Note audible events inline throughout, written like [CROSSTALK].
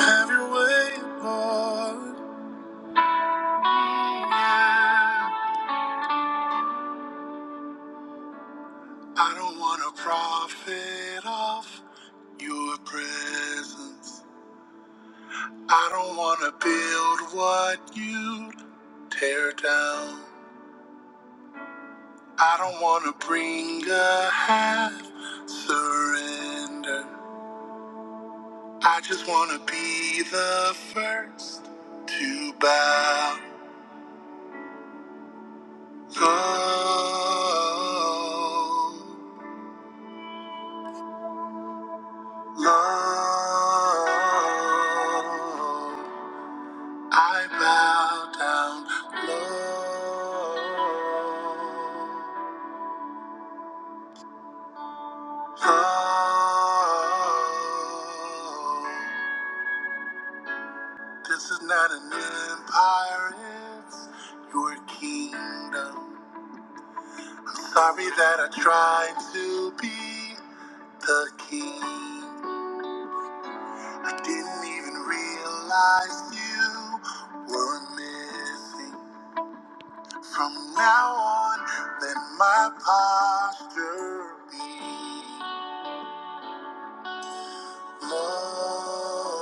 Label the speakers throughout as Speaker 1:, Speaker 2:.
Speaker 1: Have your way, Lord. I don't want to profit off your presence. I don't want to build what you tear down. I don't want to bring a half surrender. I just want to be the first to bow. Low, low. I bow down low. Oh, this is not an empire, it's your kingdom. Sorry that I tried to be the king. I didn't even realize you were missing. From now on, let my posture be love.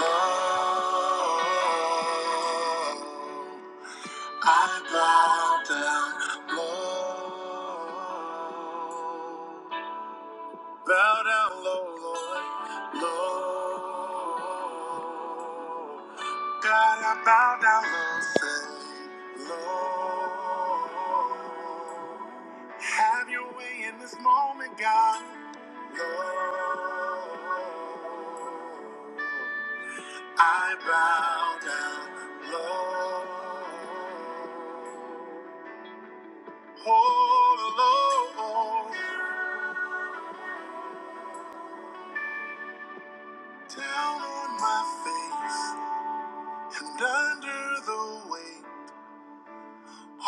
Speaker 1: Love. I bow down, love. Bow down low, Lord, low. God, I bow down low, say, low. Have your way in this moment, God, low. I bow down low. Oh, Lord. Down on my face and under the weight,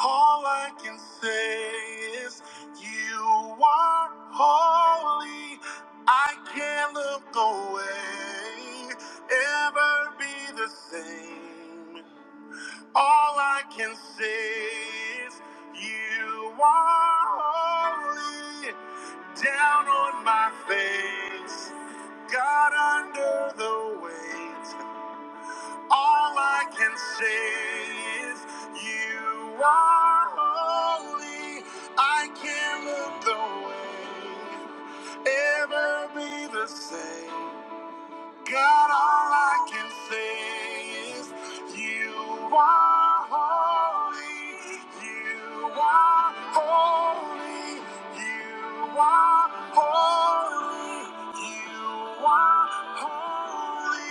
Speaker 1: all I can say is, You are holy. I can't look away, ever be the same. All I can say is, You are holy. Down on my face, God under the weight. All I can say is you are holy. I can't look away, ever be the same. God, all I can say is you are holy. You are holy. You are holy. You are holy.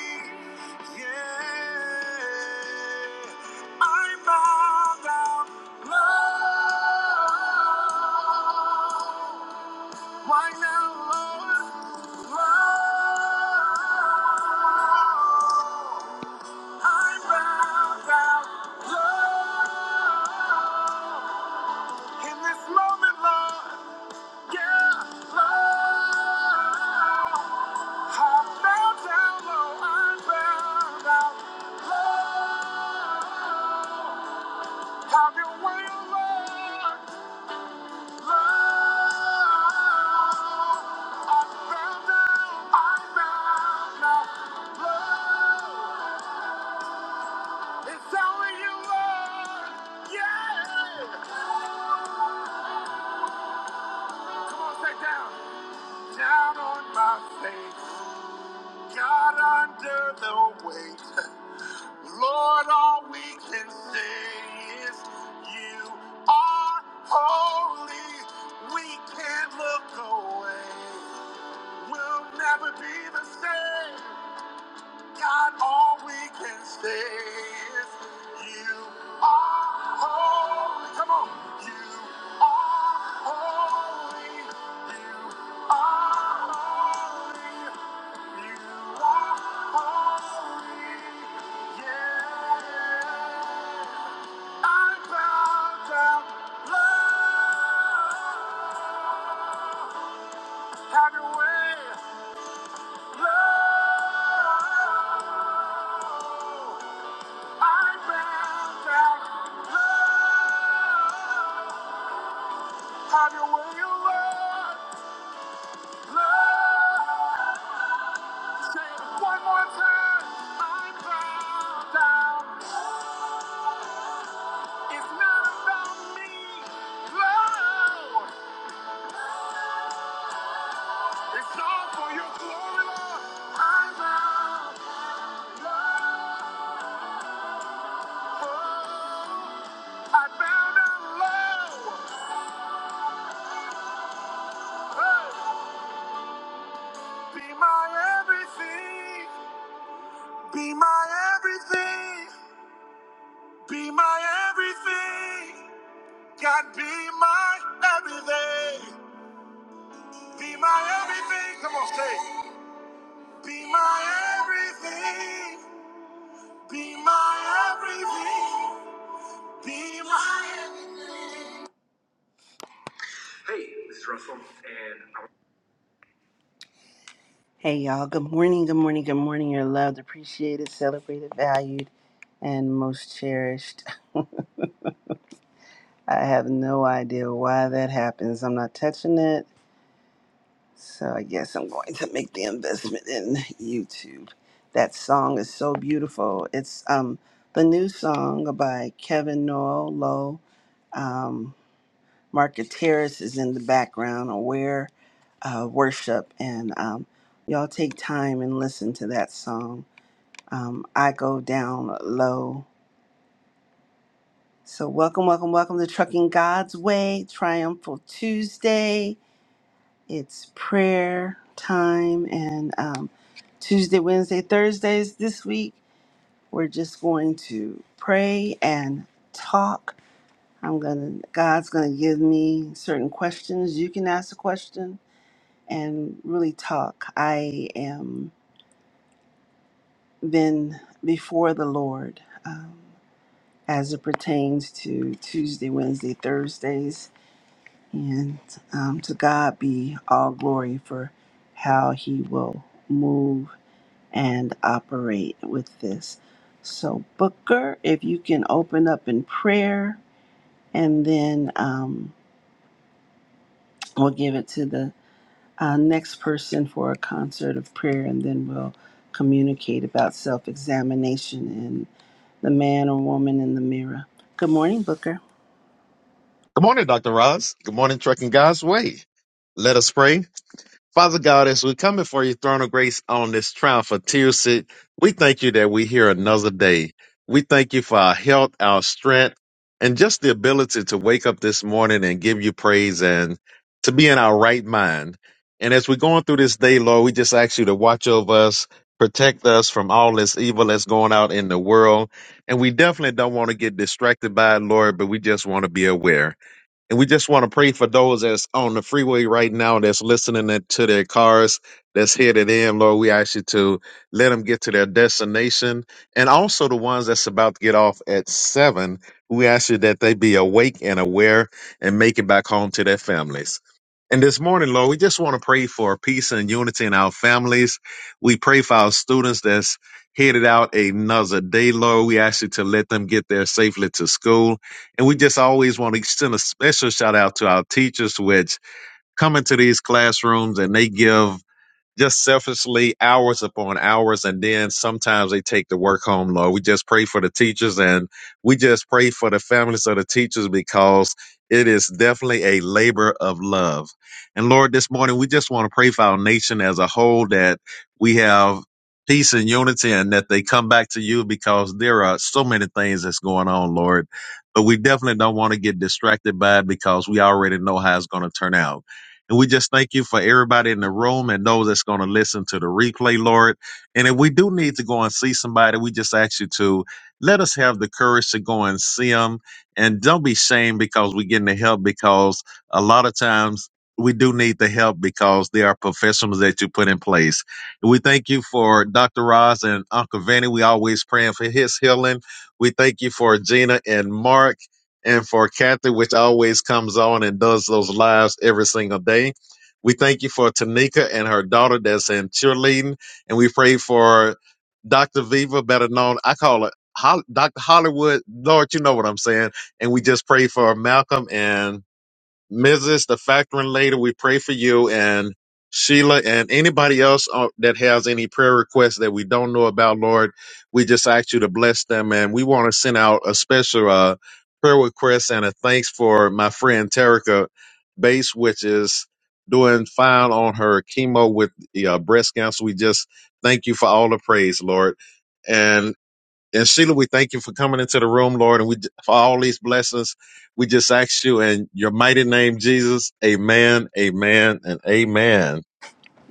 Speaker 1: Yeah. I bow down, Lord. Why now, Lord? Lord, I bow down, Lord, in this moment, Lord, yeah, Lord, I bow down, Lord, I am bow down, Lord, have your way, Lord. Down on my face, got under the weight. [LAUGHS] Lord, all we can say is you are holy. We can't look away. We'll never be the same. God, all we can say is you are holy. Come on. You are holy. You are holy. You are holy. Yeah. I bow down. Love. Have your way. Have your way, you love, love. Say it one more time. I'm bound down. It's not about me, Love, It's all for your glory, Lord. I'm bound low. I bow down low. Be my everything. Be my everything. Be my everything. God, be my everything. Be my everything. Come on, say. Be my everything. Be my everything. Be my everything. Hey, this is Russell, and I Hey y'all, good morning, good morning, good morning. You're loved, appreciated, celebrated, valued, and most cherished. [LAUGHS] I have no idea why that happens. I'm not touching it. So I guess I'm going to make the investment in YouTube. That song is so beautiful. It's um the new song by Kevin Noel Lowe. Um Market Terrace is in the background, aware uh, worship and um y'all take time and listen to that song. Um I go down low. So welcome, welcome, welcome to Trucking God's Way, Triumphal Tuesday. It's prayer time, and um, Tuesday, Wednesday, Thursdays this week, we're just going to pray and talk. I'm gonna, God's gonna give me certain questions. You can ask a question and really talk. I am been before the Lord um, as it pertains to Tuesday, Wednesday, Thursdays And um, to God be all glory for how He will move and operate with this. So, Booker, if you can open up in prayer, and then um, we'll give it to the uh, next person for a concert of prayer, and then we'll communicate about self examination and the man or woman in the mirror. Good morning, Booker.
Speaker 2: Good morning, Dr. Roz. Good morning, Trucking God's Way. Let us pray. Father God, as we come before your throne of grace on this trial for Tuesday, we thank you that we're here another day. We thank you for our health, our strength, and just the ability to wake up this morning and give you praise and to be in our right mind. And as we're going through this day, Lord, we just ask you to watch over us, protect us from all this evil that's going out in the world. And we definitely don't want to get distracted by it, Lord, but we just want to be aware. And we just want to pray for those that's on the freeway right now, that's listening it to their cars, that's headed in. Lord, we ask you to let them get to their destination. And also the ones that's about to get off at seven, we ask you that they be awake and aware and make it back home to their families. And this morning, Lord, we just want to pray for peace and unity in our families. We pray for our students that's headed out another day, Lord. We ask you to let them get there safely to school. And we just always want to extend a special shout out to our teachers, which come into these classrooms and they give just selfishly hours upon hours and then sometimes they take the work home load we just pray for the teachers and we just pray for the families of the teachers because it is definitely a labor of love and lord this morning we just want to pray for our nation as a whole that we have peace and unity and that they come back to you because there are so many things that's going on lord but we definitely don't want to get distracted by it because we already know how it's going to turn out and we just thank you for everybody in the room and those that's going to listen to the replay, Lord. And if we do need to go and see somebody, we just ask you to let us have the courage to go and see them. And don't be shamed because we're getting the help because a lot of times we do need the help because there are professionals that you put in place. And we thank you for Dr. Roz and Uncle Vinny. We always praying for his healing. We thank you for Gina and Mark and for Kathy, which always comes on and does those lives every single day. We thank you for Tanika and her daughter that's in cheerleading, and we pray for Dr. Viva, better known, I call it Hol- Dr. Hollywood. Lord, you know what I'm saying. And we just pray for Malcolm and Mrs. the Factoring Lady, we pray for you and Sheila and anybody else uh, that has any prayer requests that we don't know about, Lord, we just ask you to bless them. And we want to send out a special uh, prayer request and a thanks for my friend Terica Bates, which is doing fine on her chemo with uh, breast cancer. We just thank you for all the praise, Lord. and. And Sheila, we thank you for coming into the room, Lord, and we for all these blessings. We just ask you in your mighty name, Jesus. Amen, amen, and amen.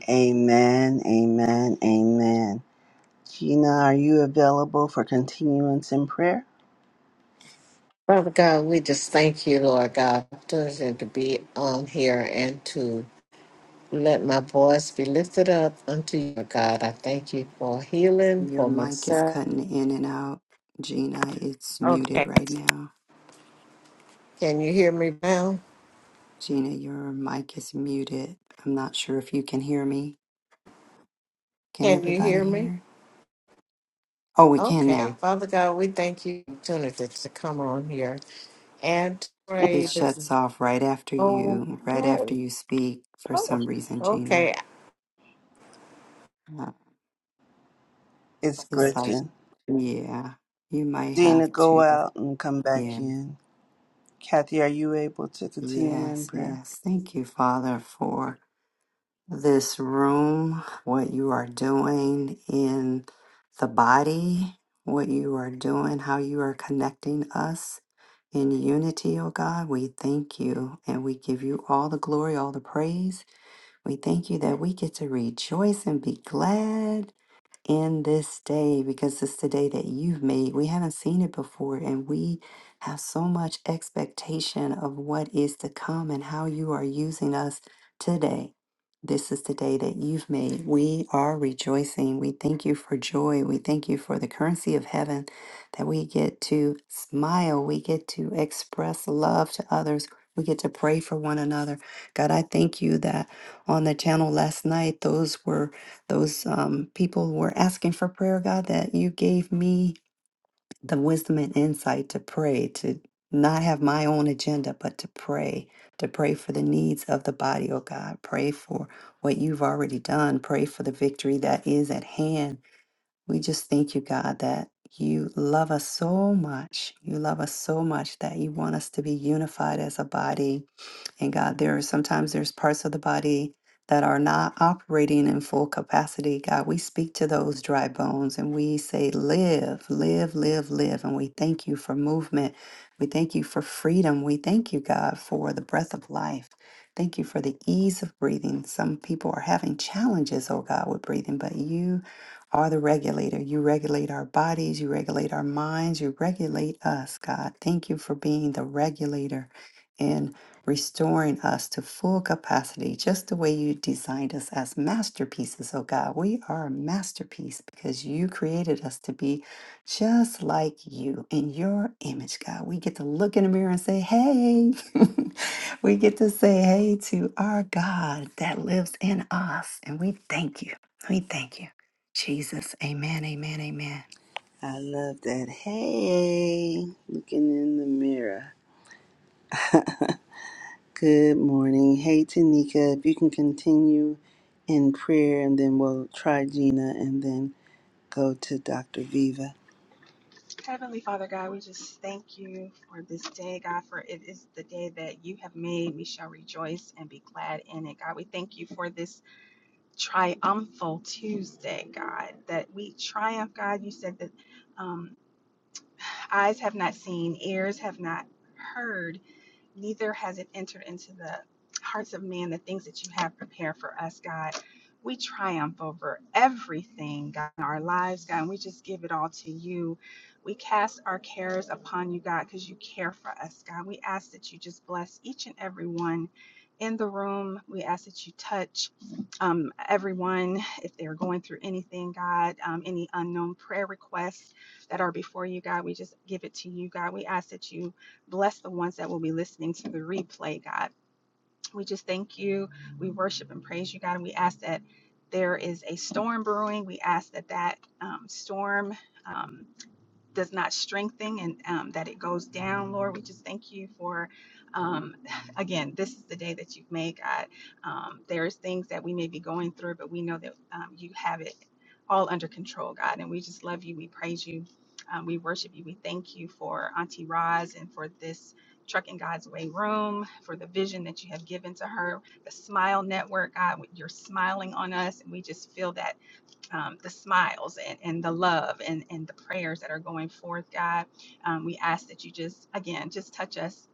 Speaker 1: Amen, amen, amen. Gina, are you available for continuance in prayer?
Speaker 3: Father God, we just thank you, Lord God, for the opportunity to be on here and to let my voice be lifted up unto you, Lord God. I thank you for healing
Speaker 4: Your
Speaker 3: for
Speaker 4: mic is
Speaker 3: myself.
Speaker 4: cutting in and out. Gina, it's muted
Speaker 3: Okay.
Speaker 4: right now.
Speaker 3: Can you hear me now?
Speaker 4: Gina, your mic is muted. I'm not sure if you can hear me. Can
Speaker 3: Can you
Speaker 4: everybody
Speaker 3: hear me?
Speaker 4: hear? Oh, we can
Speaker 3: Okay.
Speaker 4: now.
Speaker 3: Father God, we thank you for the opportunity to come on here and to
Speaker 4: It
Speaker 3: pray this.
Speaker 4: shuts off right after you, right
Speaker 3: Okay.
Speaker 4: after you speak for
Speaker 3: Oh,
Speaker 4: some reason,
Speaker 3: okay.
Speaker 4: Gina. Uh,
Speaker 1: It's
Speaker 4: It's like,
Speaker 1: glitching.
Speaker 4: yeah, you might
Speaker 1: Gina,
Speaker 4: have
Speaker 1: go
Speaker 4: to.
Speaker 1: out and come back
Speaker 4: Yeah,
Speaker 1: in. Kathy, are you able to continue in
Speaker 4: yes,
Speaker 1: prayer?
Speaker 4: yes. Thank you, Father, for this room, what you are doing in the body, what you are doing, how you are connecting us in unity, oh God. We thank you and we give you all the glory, all the praise. We thank you that we get to rejoice and be glad in this day because it's the day that you've made. We haven't seen it before, and we have so much expectation of what is to come and how you are using us today. This is the day that you've made. We are rejoicing. We thank you for joy. We thank you for the currency of heaven that we get to smile. We get to express love to others. We get to pray for one another. God, I thank you that on the channel last night, those were those um, people were asking for prayer, God, that you gave me the wisdom and insight to pray, to not have my own agenda, but to pray, to pray for the needs of the body, oh God. Pray for what you've already done. Pray for the victory that is at hand we just thank you, God, that you love us so much. You love us so much that you want us to be unified as a body. And God, there are sometimes there's parts of the body that are not operating in full capacity. God, we speak to those dry bones and we say, live, live, live, live. And we thank you for movement. We thank you for freedom. We thank you, God, for the breath of life. Thank you for the ease of breathing. Some people are having challenges, oh God, with breathing, but you are the regulator. You regulate our bodies, you regulate our minds, you regulate us, God. Thank you for being the regulator and restoring us to full capacity, just the way you designed us as masterpieces, oh God. We are a masterpiece because you created us to be just like you in your image, God. We get to look in the mirror and say, hey. [LAUGHS] we get to say hey to our God that lives in us. And we thank you. We thank you. Jesus. Amen. Amen. Amen.
Speaker 1: I love that. Hey, looking in the mirror. Good morning. Hey, Tanika, if you can continue in prayer, and then we'll try Gina and then go to Dr. Viva.
Speaker 5: Heavenly Father God, we just thank you for this day, God, for it is the day that you have made. We shall rejoice and be glad in it, God. We thank you for this triumphal Tuesday, God, that we triumph, God. You said that um, [SIGHS] eyes have not seen, ears have not heard neither has it entered into the hearts of man the things that you have prepared for us, God. We triumph over everything, God, in our lives, God, and we just give it all to you. We cast our cares upon you, God, because you care for us, God. We ask that you just bless each and every one in the room. We ask that you touch um, everyone if they're going through anything, God, um, any unknown prayer requests that are before you, God. We just give it to you, God. We ask that you Bless the ones that will be listening to the replay, God. We just thank you. We worship and praise you, God. And we ask that there is a storm brewing. We ask that that um, storm. Um, does not strengthen and um, that it goes down, Lord. We just thank you for, um, [SIGHS] again, this is the day that you've made, God. Um, there's things that we may be going through, but we know that um, you have it all under control, God. And we just love you. We praise you. Um, we worship you. We thank you for Auntie Roz and for this Trucking God's Way room, for the vision that you have given to her, the Smile Network, God. You're smiling on us, and we just feel that um, the smiles and, and the love and, and the prayers that are going forth, God. Um, we ask that you just, again, just touch us,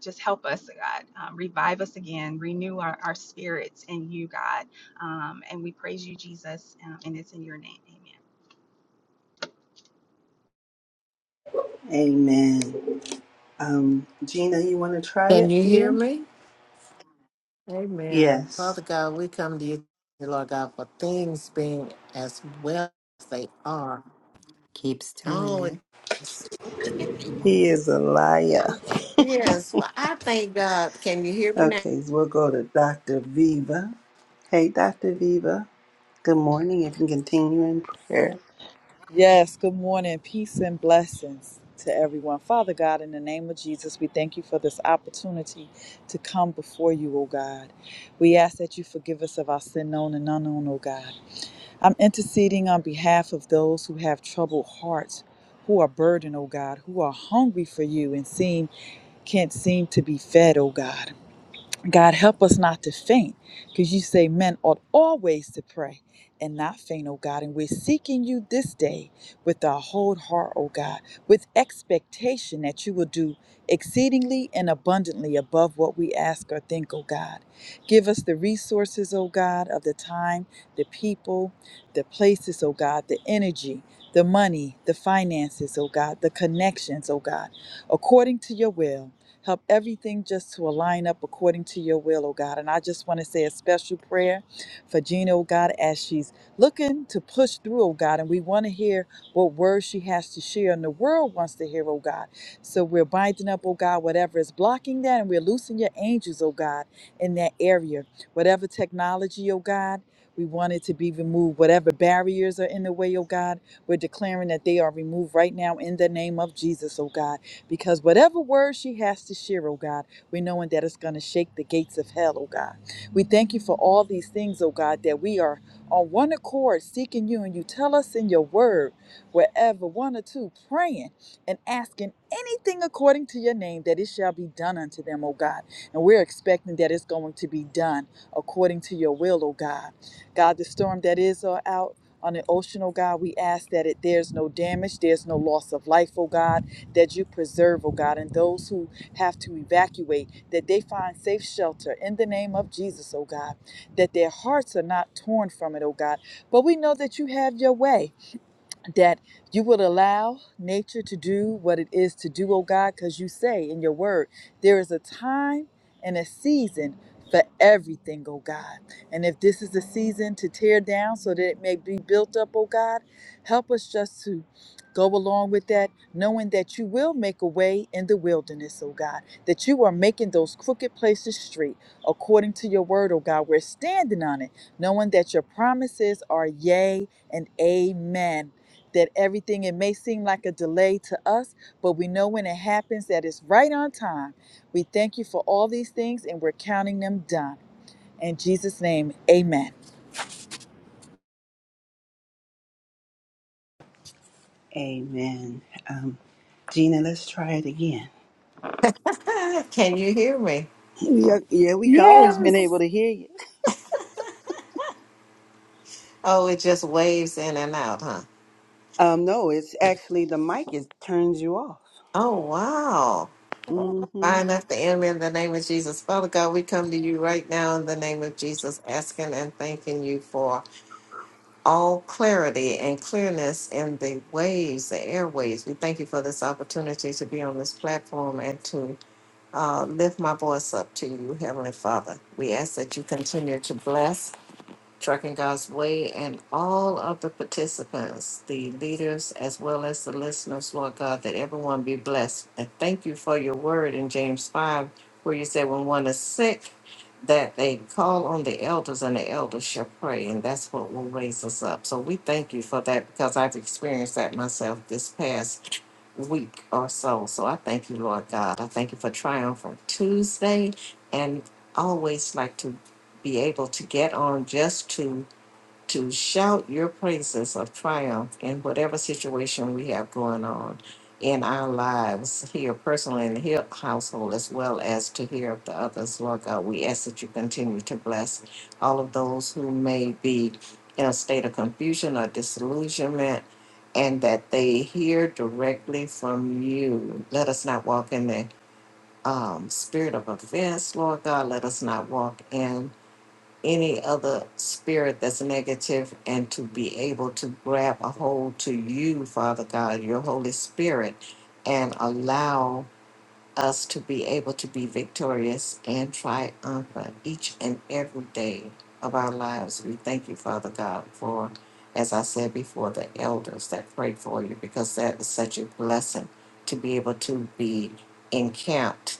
Speaker 5: just help us, God. Um, revive us again, renew our, our spirits in you, God. Um, and we praise you, Jesus, um, and it's in your name. Amen.
Speaker 1: Amen. Um, Gina, you want to try
Speaker 3: Can
Speaker 1: it
Speaker 3: you hear
Speaker 1: again?
Speaker 3: me? Amen.
Speaker 1: Yes.
Speaker 3: Father God, we come to you, Lord God, for things being as well as they are.
Speaker 4: Keeps doing
Speaker 3: Oh,
Speaker 4: it.
Speaker 3: it's okay.
Speaker 4: Come on.
Speaker 1: He is a liar.
Speaker 3: Yes, well, I thank God. Can you hear me
Speaker 1: Okay, so we'll go to Dr. Viva. Hey, Dr. Viva. Good morning. If you can continue in prayer.
Speaker 6: Yes, good morning. Peace and blessings to everyone. Father God, in the name of Jesus, we thank you for this opportunity to come before you, O God. We ask that you forgive us of our sin known and unknown, O God. I'm interceding on behalf of those who have troubled hearts, who are burdened, O God, who are hungry for you and seem can't seem to be fed, O God. God, help us not to faint, because you say men ought always to pray and not faint, oh God. And we're seeking you this day with our whole heart, oh God, with expectation that you will do exceedingly and abundantly above what we ask or think, oh God. Give us the resources, oh God, of the time, the people, the places, oh God, the energy. The money, the finances, oh God, the connections, oh God, according to your will Help everything just to align up according to your will, oh God. And I just want to say a special prayer for Gina, oh God, as she's looking to push through, oh God. And we want to hear what words she has to share and the world wants to hear, oh God. So we're binding up, oh God, whatever is blocking that. And we're loosing your angels, oh God, in that area. Whatever technology, oh God. We want it to be removed. Whatever barriers are in the way, oh God, we're declaring that they are removed right now in the name of Jesus, oh God because whatever word she has to share, oh God, we're knowing that it's going to shake the gates of hell, oh God. We thank you for all these things, oh God, that we are on one accord seeking you, and you tell us in your word, wherever one or two praying and asking anything according to your name, that it shall be done unto them, oh God. And we're expecting that it's going to be done according to your will, oh God. God, the storm that is uh, out on the ocean, oh God, we ask that it there's no damage, there's no loss of life, oh God that you preserve, oh God, and those who have to evacuate, that they find safe shelter in the name of Jesus, oh God, that their hearts are not torn from it, oh God. But we know that you have your way that you would allow nature to do what it is to do, oh God, because you say in your word, there is a time and a season for everything, oh God. And if this is the season to tear down so that it may be built up, oh God, help us just to go along with that, knowing that you will make a way in the wilderness, oh God, that you are making those crooked places straight according to your word, oh God. We're standing on it, knowing that your promises are yea and amen that everything it may seem like a delay to us but we know when it happens that it's right on time we thank you for all these things and we're counting them done in jesus name amen
Speaker 1: Amen. Um, Gina, let's try it again.
Speaker 3: now? [LAUGHS] Can you hear me?
Speaker 1: Yeah, yeah, we can always been
Speaker 4: Yes.
Speaker 1: able to hear you.
Speaker 3: Oh, it just waves in and out, huh?
Speaker 1: Um, no, it's actually the mic is turns you off.
Speaker 3: Oh, wow.
Speaker 1: Mm-hmm.
Speaker 3: Bind up the enemy in the name of Jesus. Father God, we come to you right now in the name of Jesus, asking and thanking you for all clarity and clearness in the waves, the airwaves. We thank you for this opportunity to be on this platform and to uh, lift my voice up to you, Heavenly Father. We ask that you continue to bless. Trucking God's Way, and all of the participants, the leaders, as well as the listeners, Lord God, that everyone be blessed. And thank you for your word in James 5, where you said, when one is sick, that they call on the elders and the elders shall pray, and that's what will raise us up. So we thank you for that because I've experienced that myself this past week or so. So I thank you, Lord God. I thank you for Triumphant Tuesday and always like to be able to get on just to to shout your praises of triumph in whatever situation we have going on in our lives here personally in the here household as well as to hear of the others lord god we ask that you continue to bless all of those who may be in a state of confusion or disillusionment and that they hear directly from you let us not walk in the um, spirit of offense lord god let us not walk in any other spirit that's negative and to be able to grab a hold to you, Father God, your Holy Spirit, and allow us to be able to be victorious and triumphant each and every day of our lives. We thank you, Father God, for, as I said before, the elders that prayed for you, because that is such a blessing to be able to be encamped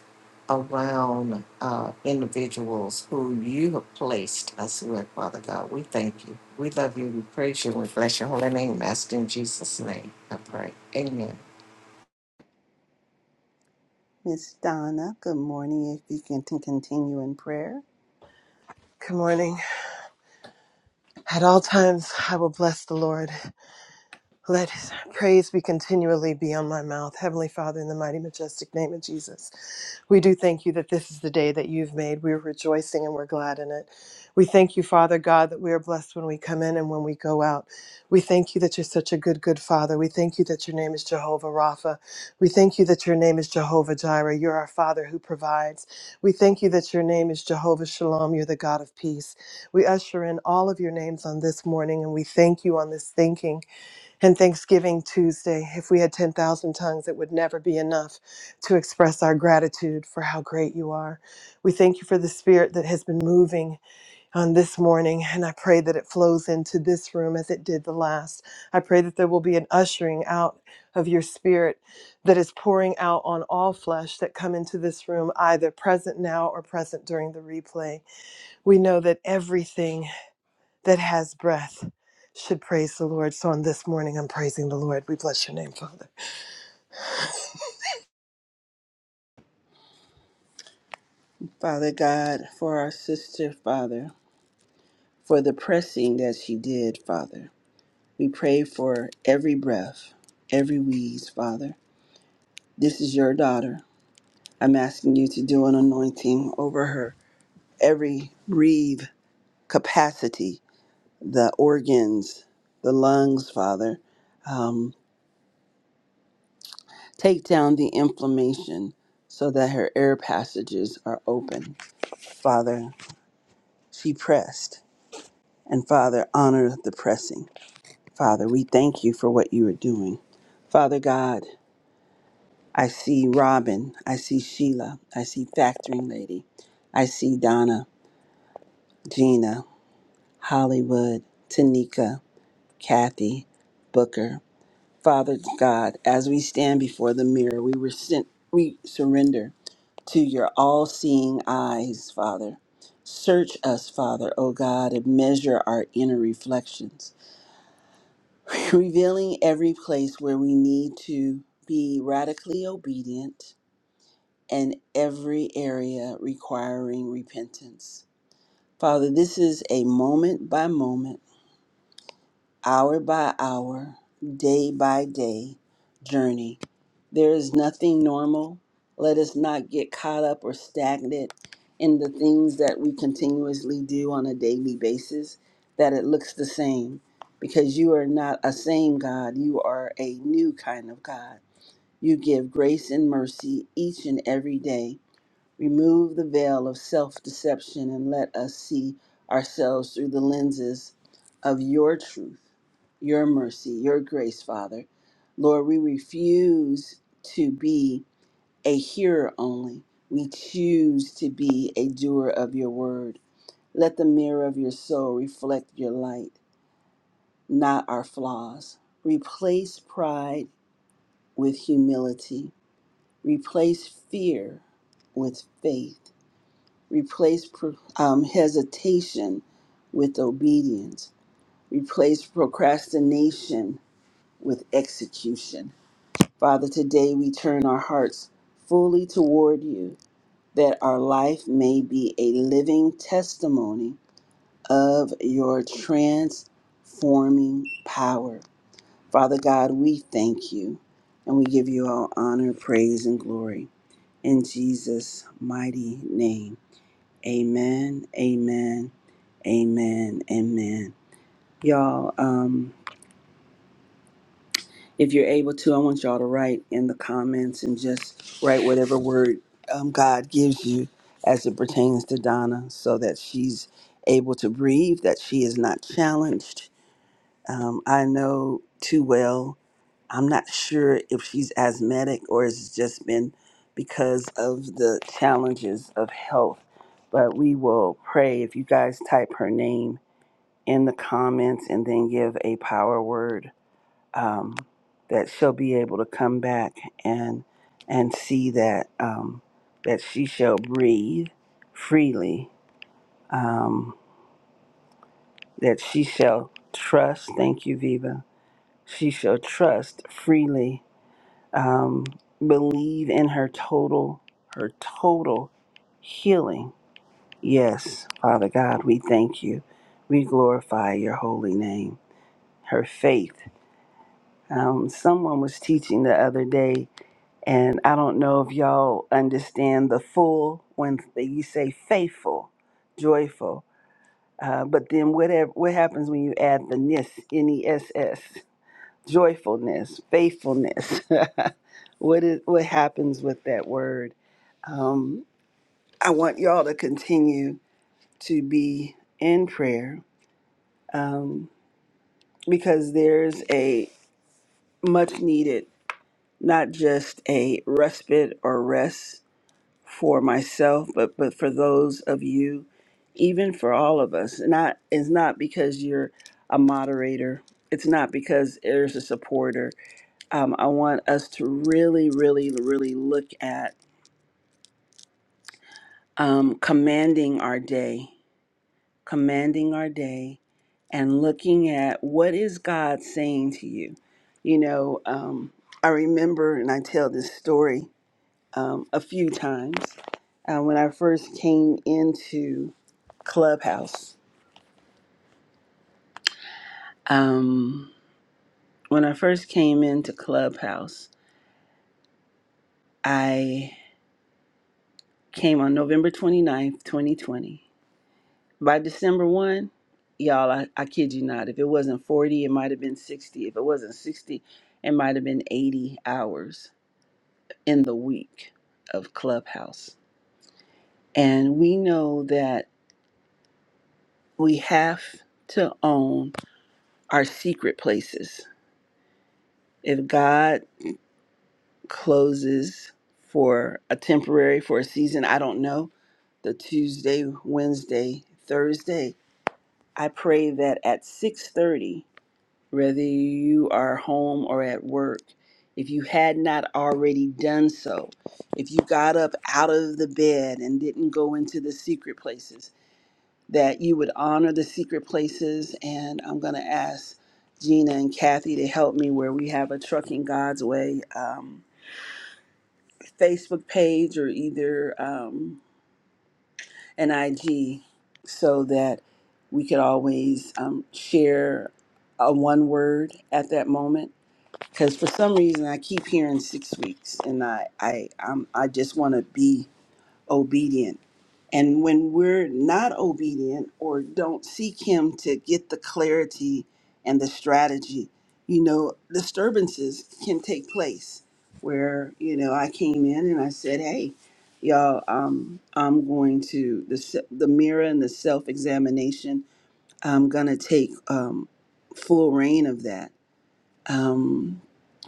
Speaker 3: around uh, individuals who you have placed us with, Father God. We thank you. We love you. We praise you. We bless your holy name. Master in Jesus' name, I pray. Amen.
Speaker 1: Miss Donna, good morning. If you can t- continue in prayer.
Speaker 7: Good morning. At all times, I will bless the Lord. Let his praise be continually be on my mouth. Heavenly Father, in the mighty, majestic name of Jesus. We do thank you that this is the day that you've made. We're rejoicing and we're glad in it. We thank you, Father God, that we are blessed when we come in and when we go out. We thank you that you're such a good, good Father. We thank you that your name is Jehovah Rapha. We thank you that your name is Jehovah Jireh. You're our Father who provides. We thank you that your name is Jehovah Shalom. You're the God of peace. We usher in all of your names on this morning and we thank you on this thinking and Thanksgiving Tuesday, if we had 10,000 tongues, it would never be enough to express our gratitude for how great you are. We thank you for the spirit that has been moving on this morning, and I pray that it flows into this room as it did the last. I pray that there will be an ushering out of your spirit that is pouring out on all flesh that come into this room, either present now or present during the replay. We know that everything that has breath should praise the Lord. So on this morning, I'm praising the Lord. We bless your name, Father.
Speaker 1: Father God, for our sister, Father, for the pressing that she did, Father. We pray for every breath, every wheeze, Father. This is your daughter. I'm asking you to do an anointing over her. Every breathe capacity, the organs, the lungs, Father. Um, take down the inflammation so that her air passages are open. Father, she pressed. And Father, honor the pressing. Father, we thank you for what you are doing. Father God, I see Robin. I see Sheila. I see Factoring Lady. I see Donna, Gina, Hollywood, Tanika, Kathy, Booker. Father God, as we stand before the mirror, we, resent, we surrender to your all seeing eyes, Father. Search us, Father, O God, and measure our inner reflections, revealing every place where we need to be radically obedient and every area requiring repentance. Father, this is a moment by moment, hour by hour, day by day journey. There is nothing normal. Let us not get caught up or stagnant in the things that we continuously do on a daily basis, that it looks the same. Because you are not a same God, you are a new kind of God. You give grace and mercy each and every day Remove the veil of self deception and let us see ourselves through the lenses of your truth, your mercy, your grace, Father. Lord, we refuse to be a hearer only. We choose to be a doer of your word. Let the mirror of your soul reflect your light, not our flaws. Replace pride with humility, replace fear with faith Replace pro- um, hesitation with obedience. Replace procrastination with execution. Father, today we turn our hearts fully toward you that our life may be a living testimony of your transforming power. Father God, we thank you and we give you all honor, praise, and glory. In Jesus' mighty name. Amen. Amen. Amen. Amen. Y'all, um, if you're able to, I want y'all to write in the comments and just write whatever word um, God gives you as it pertains to Donna so that she's able to breathe, that she is not challenged. Um, I know too well, I'm not sure if she's asthmatic or it's just been because of the challenges of health, but we will pray. If you guys type her name, in the comments and then give a power word um, that she'll be able to come back and and see that um, that she shall breathe freely um, that she shall trust thank you Viva she shall trust freely um, believe in her total her total healing yes Father God we thank you we glorify your holy name her faith Um, someone was teaching the other day, and I don't know if y'all understand the full when you say faithful, joyful. Uh, but then whatever what happens when you add the ness, n e s s, joyfulness, faithfulness? [LAUGHS] what is what happens with that word? Um, I want y'all to continue to be in prayer because there's a much needed, not just a respite or rest for myself, but but for those of you, even for all of us. Not it's not because you're a moderator. It's not because there's a supporter. Um, I want us to really, really, really look at um, commanding our day, commanding our day, and looking at what is God saying to you. You know, um, I remember, and I tell this story um, a few times uh, when I first came into Clubhouse. Um, when I first came into Clubhouse, I came on November 29th, 2020. By December 1, y'all, I, I kid you not, if it wasn't 40, it might have been 60. If it wasn't 60, it might have been 80 hours in the week of Clubhouse. And we know that we have to own our secret places If God closes for a temporary, for a season, I don't know, the Tuesday, Wednesday, Thursday, I pray that at 6:30, whether you are home or at work, if you had not already done so, if you got up out of the bed and didn't go into the secret places, that you would honor the secret places. And I'm going to ask Gina and Kathy to help me where we have a Trucking God's Way. Um, Facebook page or either um, an IG so that we could always um, share a one word at that moment. Because for some reason, I keep hearing six weeks, and I I i I just want to be obedient. And when we're not obedient or don't seek Him to get the clarity and the strategy, you know, disturbances can take place. Where, you know, I came in and I said, hey, y'all, um, I'm going to the, se- the mirror and the self examination, I'm going to take um, full reign of that. Um,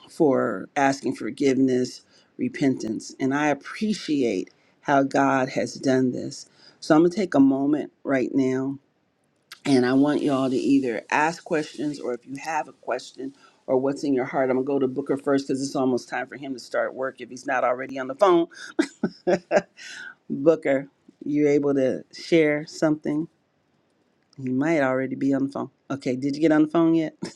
Speaker 1: for asking forgiveness, repentance. And I appreciate how God has done this. So I'm going to take a moment right now and I want y'all to either ask questions or if you have a question or what's in your heart, I'm going to go to Booker first because it's almost time for him to start work if he's not already on the phone. Booker, you able to share something? He might already be on the phone. Okay, did you get on the phone yet? [LAUGHS]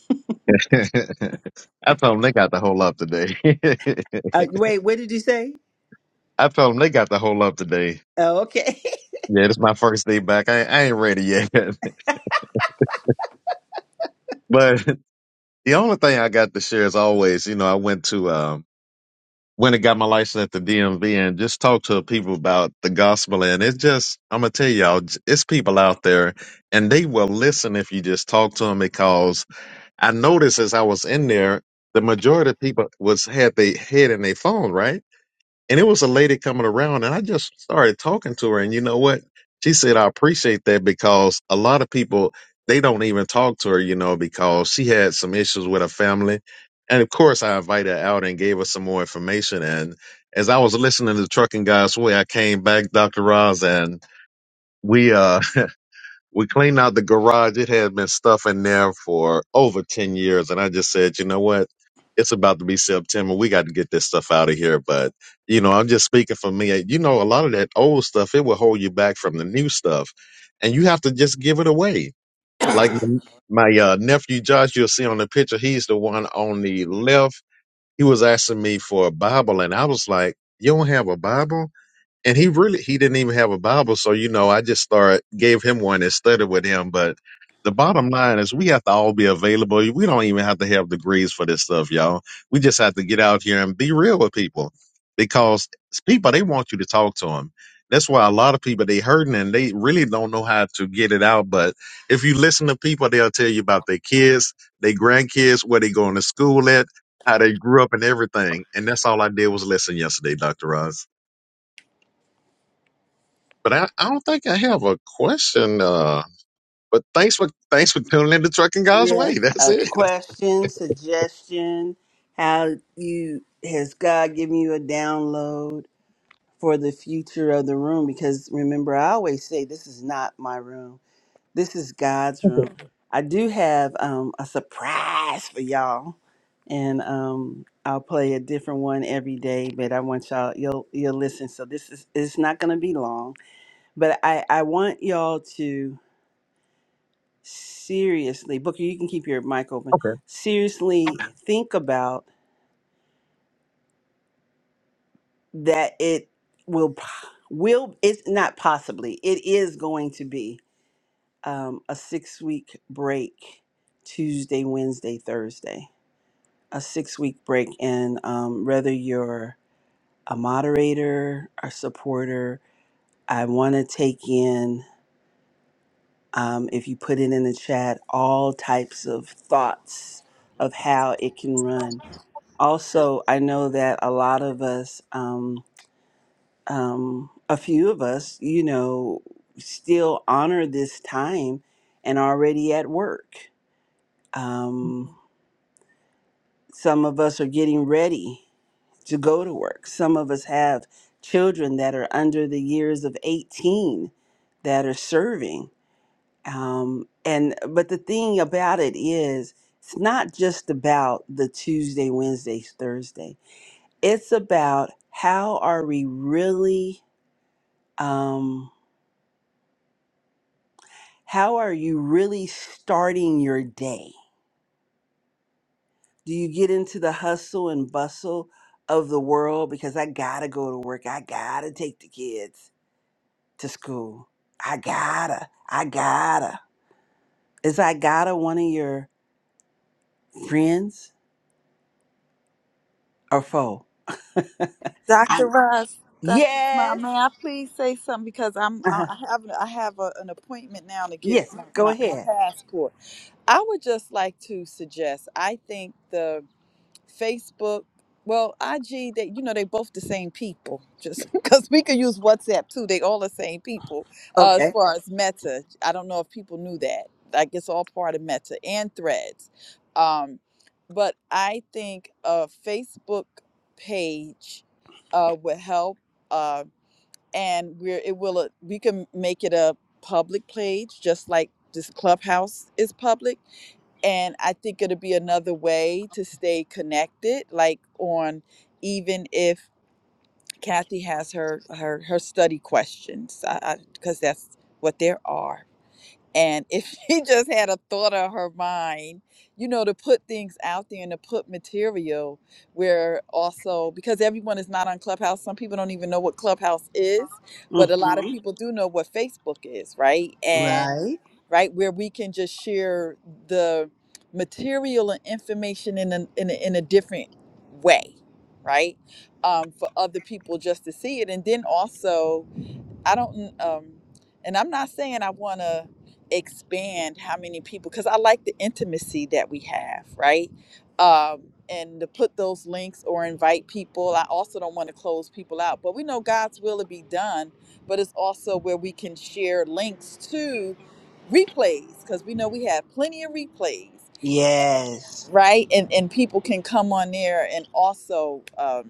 Speaker 2: [LAUGHS] I told them they got the whole up today. [LAUGHS]
Speaker 1: Uh, wait, what did you say?
Speaker 2: I told them they got the whole up today.
Speaker 1: Oh, okay. [LAUGHS]
Speaker 2: Yeah, this is my first day back. I, I ain't ready yet. [LAUGHS] But the only thing I got to share is always, you know, I went to um went and got my license at the DMV and just talked to people about the gospel. And it's just, I'm gonna tell y'all, j- it's people out there, and they will listen if you just talk to them. Because I noticed as I was in there, the majority of people was had their head in their phone, right? and it was a lady coming around and I just started talking to her and you know what she said I appreciate that because a lot of people they don't even talk to her you know because she had some issues with her family and of course I invited her out and gave her some more information and as I was listening to Trucking Guys Way I came back Dr. Roz and we uh we cleaned out the garage. It had been stuff in there for over 10 years. And I just said, you know what? It's about to be September. We got to get this stuff out of here. But, you know, I'm just speaking for me. You know, a lot of that old stuff, it will hold you back from the new stuff. And you have to just give it away. Like m- my uh, nephew Josh, you'll see on the picture, he's the one on the left. He was asking me for a Bible. And I was like, you don't have a Bible? and he really he didn't even have a bible so you know i just started gave him one and studied with him but the bottom line is we have to all be available we don't even have to have degrees for this stuff y'all we just have to get out here and be real with people because people they want you to talk to them that's why a lot of people they hurting and they really don't know how to get it out but if you listen to people they'll tell you about their kids their grandkids where they going to school at how they grew up and everything and that's all i did was listen yesterday dr Oz. But I, I don't think I have a question. Uh, but thanks for thanks for tuning in to Trucking God's
Speaker 1: Yeah.
Speaker 2: Way. [LAUGHS] That's
Speaker 1: A
Speaker 2: it.
Speaker 1: question, suggestion, how you has God given you a download for the future of the room? Because remember, I always say this is not my room. This is God's room. I do have um, a surprise for y'all, and um, I'll play a different one every day. But I want y'all, you'll you'll listen. So this is it's not going to be long, but I I want y'all to seriously, Booker, you can keep your mic open. Seriously, think about that. It will, p- will it's not possibly. It is going to be um, a six week break, Tuesday, Wednesday, Thursday. A six week break, and um, whether you're a moderator, a supporter, I want to take in. Um, if you put it in the chat, all types of thoughts of how it can run. also i know that a lot of us um, um, a few of us you know still honor this time and already at work um, some of us are getting ready to go to work some of us have children that are under the years of 18 that are serving um, and but the thing about it is it's not just about the tuesday wednesday thursday it's about how are we really um how are you really starting your day do you get into the hustle and bustle of the world because i gotta go to work i gotta take the kids to school i gotta i gotta is i gotta one of your friends or foe
Speaker 6: dr
Speaker 1: I,
Speaker 6: ross dr Smile,
Speaker 1: yes
Speaker 6: may i please say something because i'm i
Speaker 1: uh-huh.
Speaker 6: I have i have a, an appointment now to get
Speaker 1: yes
Speaker 6: my,
Speaker 1: go
Speaker 6: my, my
Speaker 1: ahead
Speaker 6: passport i would just like to suggest i think the Facebook, well, IG, they you know they both the same people. Just [LAUGHS] because we could use WhatsApp too, they all the same people. Uh, as
Speaker 1: okay
Speaker 6: far as Meta, I don't know if people knew that. Like it's all part of Meta and Threads. Um, but I think a Facebook page uh, would help, uh, and we're it will uh, we can make it a public page, just like this clubhouse is public and I think it'll be another way to stay connected. Like on, even if Kathy has her her her study questions, because that's what there are and if [LAUGHS] she just had a thought of her mind, you know, to put things out there and to put material where also, because everyone is not on Clubhouse, some people don't even know what Clubhouse is, but a lot of
Speaker 1: hmm
Speaker 6: people do know what Facebook is, right? And,
Speaker 1: right
Speaker 6: right, where we can just share the material and information in a, in a, in a different way, right? Um, for other people just to see it. And then also, I don't, um, and I'm not saying I want to expand how many people because I like the intimacy that we have, right? Um, and to put those links or invite people, I also don't want to close people out. But we know God's will to be done, but it's also where we can share links to replays because we know we have plenty of replays,
Speaker 1: yes
Speaker 6: right? And and people can come on there and also. um,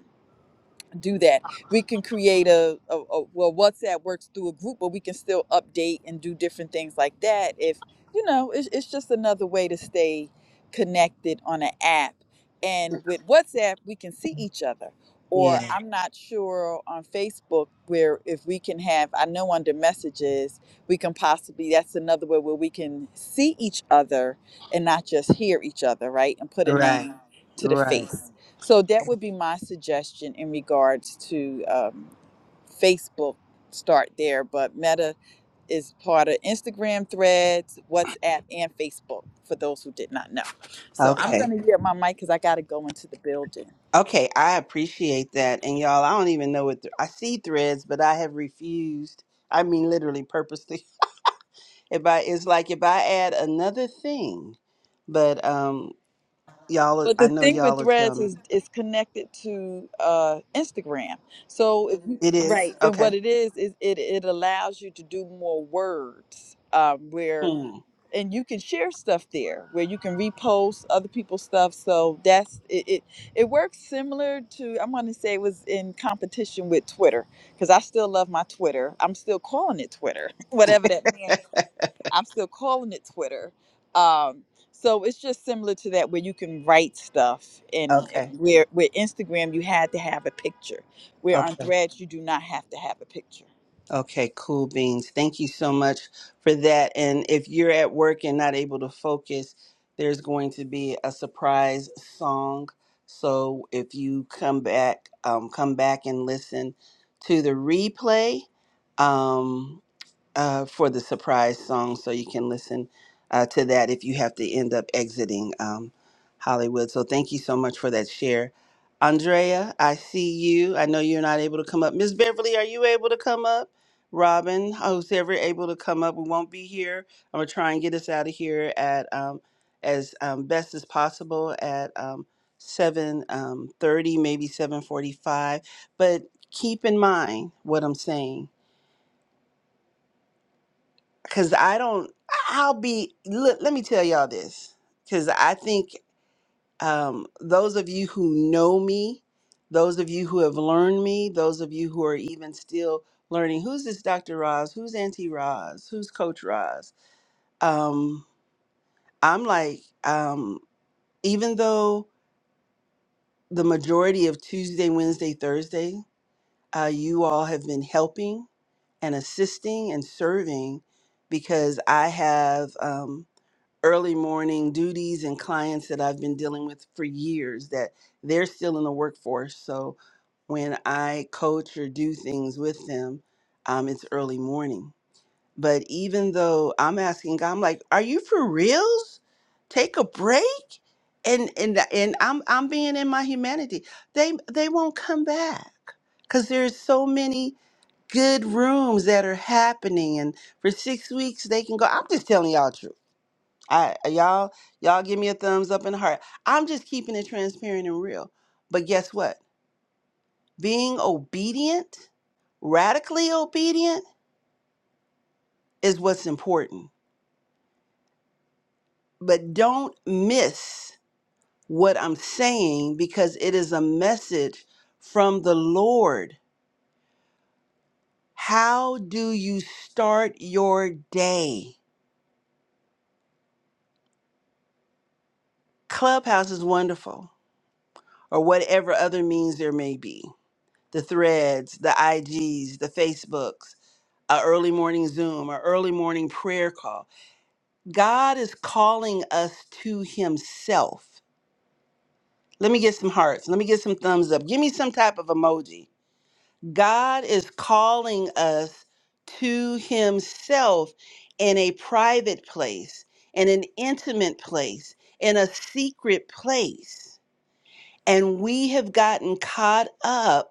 Speaker 6: do that. We can create a, a, a well, WhatsApp works through a group, but we can still update and do different things like that. If you know, it's, it's just another way to stay connected on an app. And with WhatsApp, we can see each other. Or
Speaker 1: yeah
Speaker 6: I'm not sure on Facebook where if we can have, I know under messages, we can possibly, that's another way where we can see each other and not just hear each other, right? And put a
Speaker 1: right
Speaker 6: name to the
Speaker 1: Right.
Speaker 6: face. So that would be my suggestion in regards to um, Facebook. Start there, but Meta is part of Instagram Threads, WhatsApp, and Facebook. For those who did not know, so I'm going
Speaker 1: Okay.
Speaker 6: to get my mic because I got to go into the building.
Speaker 1: Okay. I appreciate that. And y'all, I don't even know what th- I see threads, but I have refused. I mean, literally, purposely. [LAUGHS] If I, it's like if I add another thing, but um, y'all,
Speaker 6: But
Speaker 1: I
Speaker 6: the
Speaker 1: know
Speaker 6: thing
Speaker 1: y'all
Speaker 6: with
Speaker 1: will tell
Speaker 6: Threads
Speaker 1: me
Speaker 6: is it's connected to uh, Instagram. So if you,
Speaker 1: it is
Speaker 6: right, and what
Speaker 1: okay.
Speaker 6: it is is it it allows you to do more words um, where
Speaker 1: Hmm.
Speaker 6: and you can share stuff there where you can repost other people's stuff. So that's it. It, it works similar to I'm going to say it was in competition with Twitter because I still love my Twitter. I'm still calling it Twitter, [LAUGHS] whatever that
Speaker 1: [LAUGHS]
Speaker 6: man. called- I'm still calling it Twitter. Um, so it's just similar to that where you can write stuff and,
Speaker 1: okay.
Speaker 6: and where where Instagram you had to have a picture. Where
Speaker 1: Okay.
Speaker 6: on Threads you do not have to have a picture.
Speaker 1: Okay, cool beans. Thank you so much for that. And if you're at work and not able to focus, there's going to be a surprise song. So if you come back, um, come back and listen to the replay. Um, uh, for the surprise song, so you can listen uh, to that if you have to end up exiting um, Hollywood. So thank you so much for that share. Andrea, I see you. I know you're not able to come up. Miss Beverly, are you able to come up? Robin, who's ever able to come up? We won't be here. I'm gonna try and get us out of here at um, as um, best as possible at um, 7:30, maybe 7:45. But keep in mind what I'm saying because I don't. I'll be. Look, let me tell y'all this, because I think um, those of you who know me, those of you who have learned me, those of you who are even still learning, who's this Dr. Roz? Who's Auntie Roz? Who's Coach Roz? Um, I'm like, um, even though the majority of Tuesday, Wednesday, Thursday, uh, you all have been helping and assisting and serving because I have. Um, early morning duties and clients that I've been dealing with for years that they're still in the workforce. So when I coach or do things with them, um, it's early morning. But even though I'm asking God, I'm like, "Are you for reals? Take a break." And and and I'm I'm being in my humanity. They they won't come back because there's so many good rooms that are happening, and for six weeks they can go. I'm just telling y'all truth I uh, y'all y'all give me a thumbs up and a heart. I'm just keeping it transparent and real. But guess what? Being obedient, radically obedient is what's important. But don't miss what I'm saying because it is a message from the Lord. How do you start your day? Clubhouse is wonderful or whatever other means there may be. The threads, the IGs, the Facebooks a early morning Zoom, a early morning prayer call. God is calling us to Himself. Let me get some hearts. Let me get some thumbs up. Give me some type of emoji. God is calling us to Himself in a private place, in an intimate place, in a secret place. And we have gotten caught up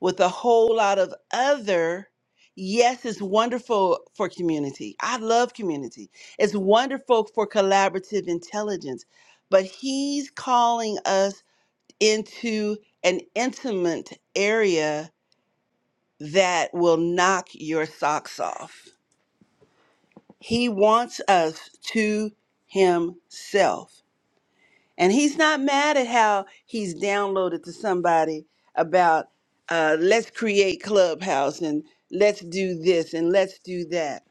Speaker 1: with a whole lot of other. Yes, it's wonderful for community. I love community. It's wonderful for collaborative intelligence. But he's calling us into an intimate area that will knock your socks off. He wants us to himself. And he's not mad at how he's downloaded to somebody about uh, let's create Clubhouse and let's do this and let's do that.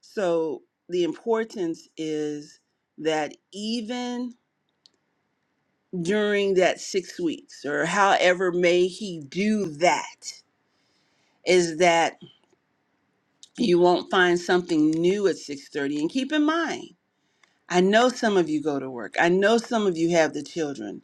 Speaker 1: So the importance is that even during that six weeks or however may he do that is that you won't find something new at 6.30 and keep in mind i know some of you go to work i know some of you have the children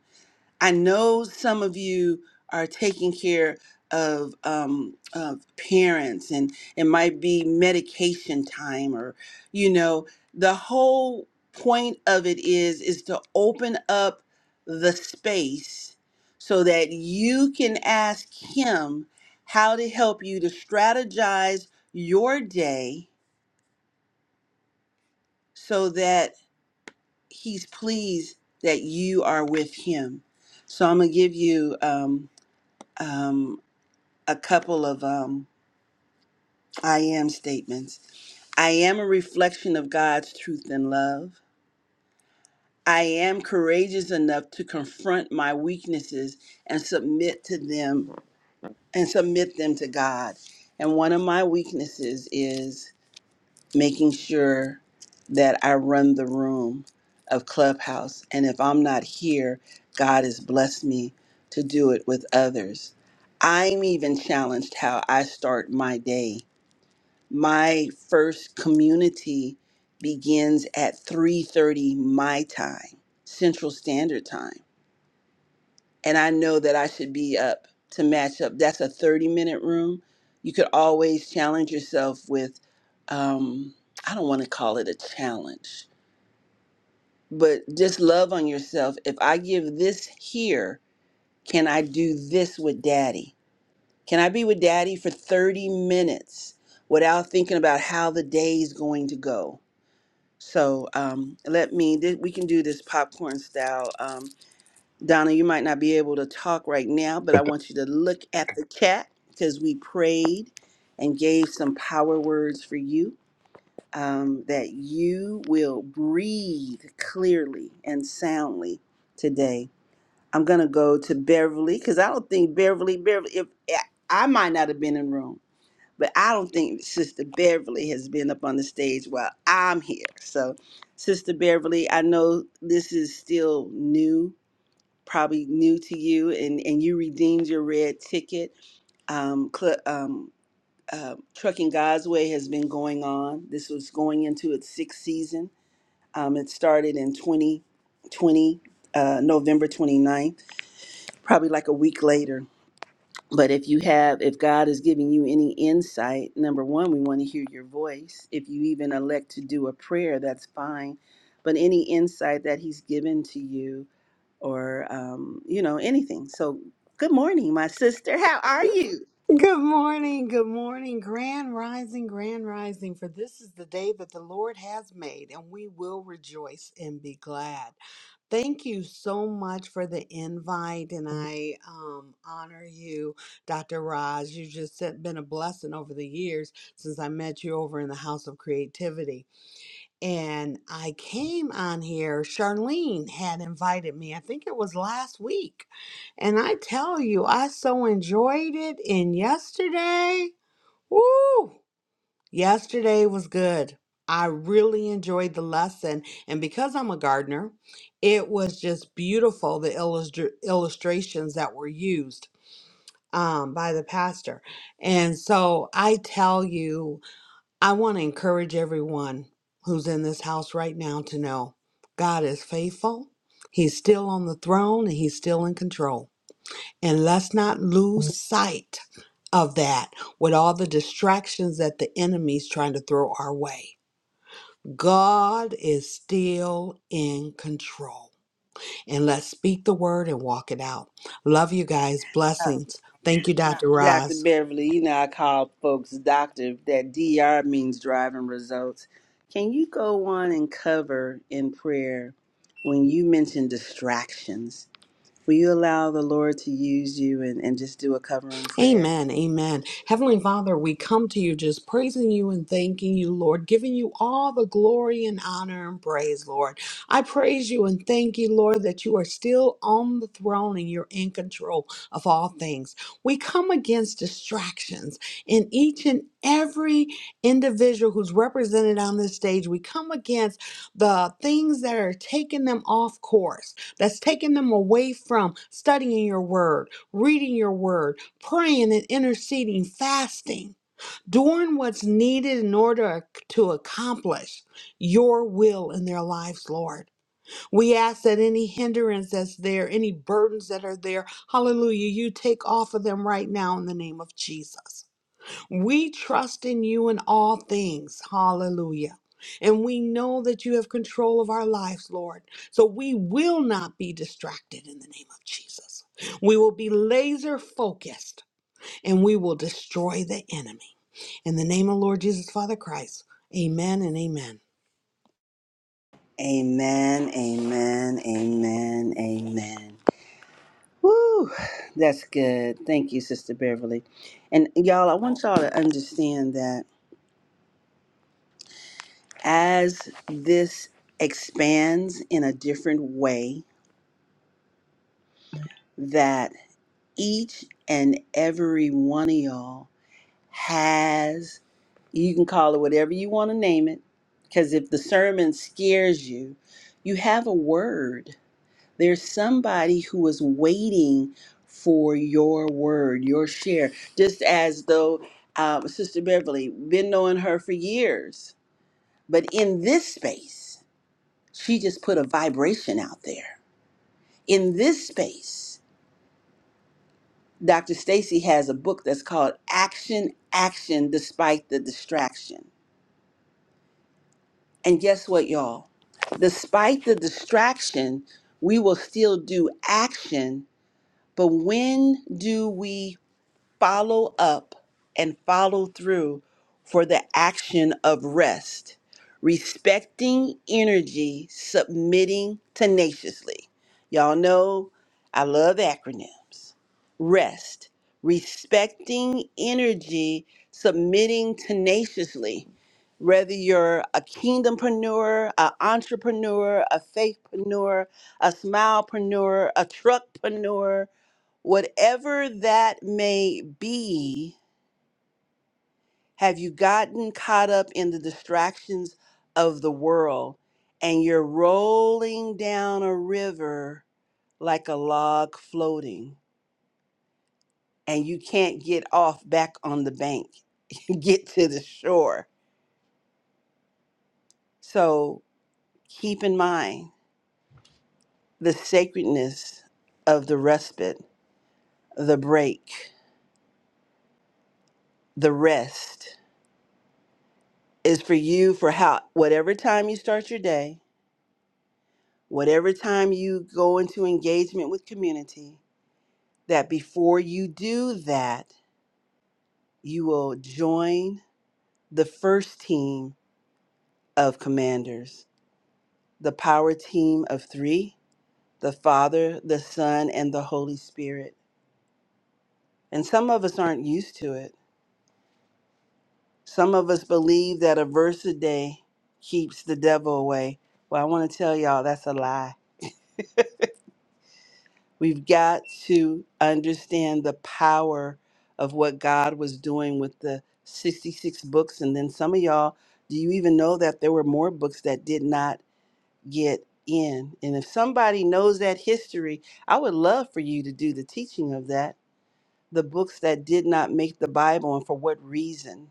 Speaker 1: I know some of you are taking care of um, of parents, and it might be medication time, or you know, the whole point of it is is to open up the space so that you can ask him how to help you to strategize your day so that he's pleased that you are with him. So I'm gonna give you um, um, a couple of um, I am statements. I am a reflection of God's truth and love. I am courageous enough to confront my weaknesses and submit to them and submit them to God. And one of my weaknesses is making sure that I run the room of Clubhouse. And if I'm not here, God has blessed me to do it with others. I'm even challenged how I start my day my first community begins at 3.30 my time central standard time and i know that i should be up to match up that's a 30 minute room you could always challenge yourself with um, i don't want to call it a challenge but just love on yourself if i give this here can i do this with daddy can i be with daddy for 30 minutes without thinking about how the day is going to go So um, let me, th- we can do this popcorn style. Um, Donna, you might not be able to talk right now, but I want you to look at the chat because we prayed and gave some power words for you um, that you will breathe clearly and soundly today. I'm going to go to Beverly because I don't think Beverly, Beverly, if I I might not have been in the room but I don't think Sister Beverly has been up on the stage while I'm here. So, Sister Beverly, I know this is still new, probably new to you, and, and you redeemed your red ticket. Um, cl- um, uh, Trucking God's Way has been going on. This was going into its sixth season. Um, it started in 2020, uh, November 29th, probably like a week later but if you have, if God is giving you any insight, number one, we want to hear your voice. If you even elect to do a prayer, that's fine. But any insight that He's given to you, or um, you know, anything. So, good morning, my sister. How are you,
Speaker 8: Good morning, good morning, grand rising, grand rising. For this is the day that the Lord has made, and we will rejoice and be glad. Thank you so much for the invite, and I um, honor you, Dr. Roz. You've just said- been a blessing over the years since I met you over in the House of Creativity and I came on here. Charlene had invited me, I think it was last week. And I tell you, I so enjoyed it. And yesterday, woo, yesterday was good. I really enjoyed the lesson. And because I'm a gardener, it was just beautiful the illustr illustrations that were used um, by the pastor. And so I tell you, I want to encourage everyone who's in this house right now to know God is faithful. He's still on the throne and he's still in control. And let's not lose sight of that with all the distractions that the enemy's trying to throw our way. God is still in control. And let's speak the word and walk it out. Love you guys. Blessings. Thank you, Dr.
Speaker 1: Doctor
Speaker 8: Roz.
Speaker 1: Beverly? You know, I call folks doctor. That DR means driving results. Can you go on and cover in prayer when you mention distractions? Will you allow the Lord to use you and, and just do a covering prayer?
Speaker 8: Amen. Amen. Heavenly Father, we come to you just praising you and thanking you, Lord, giving you all the glory and honor and praise, Lord. I praise you and thank you, Lord, that you are still on the throne and you're in control of all things. We come against distractions in each and every individual who's represented on this stage. We come against the things that are taking them off course, that's taking them away from studying your word, reading your word praying and interceding, fasting, doing what's needed in order to accomplish your will in their lives, Lord. We ask that any hindrance that's there, any burdens that are there, hallelujah, you take off of them right now in the name of Jesus. We trust in you in all things, hallelujah. And we know that you have control of our lives, Lord. So we will not be distracted in the name of Jesus. We will be laser focused and we will destroy the enemy. In the name of Lord Jesus, Father Christ, amen and amen.
Speaker 1: Amen, amen, amen, amen. Woo, that's good. Thank you, Sister Beverly. And y'all, I want y'all to understand that as this expands in a different way, that each and every one of y'all has you can call it whatever you want to name it because if the sermon scares you you have a word there's somebody who is waiting for your word your share just as though uh, sister beverly been knowing her for years but in this space she just put a vibration out there in this space dr stacy has a book that's called action action despite the distraction And guess what, y'all? Despite the distraction, we will still do action. But when do we follow up and follow through for the action of rest, respecting energy, submitting tenaciously. Y'all know I love acronyms. Rest, respecting energy, submitting tenaciously. Whether you're a kingdompreneur, an entrepreneur, a faithpreneur, a smilepreneur, a truckpreneur, Whatever that may be, have you gotten caught up in the distractions of the world and you're rolling down a river like a log floating and you can't get off back on the bank, [LAUGHS] get to the shore? So keep in mind the sacredness of the respite, the break, the rest is for you for how whatever time you start your day whatever time you go into engagement with community, that before you do that, you will join the first team of commanders, the power team of three the Father, the Son, and the Holy Spirit. And some of us aren't used to it. Some of us believe that a verse a day keeps the devil away. Well, I want to tell y'all that's a lie We've got to understand the power of what God was doing with the 66 books. And then some of y'all, do you even know that there were more books that did not get in? And if somebody knows that history, I would love for you to do the teaching of that. The books that did not make the Bible and for what reason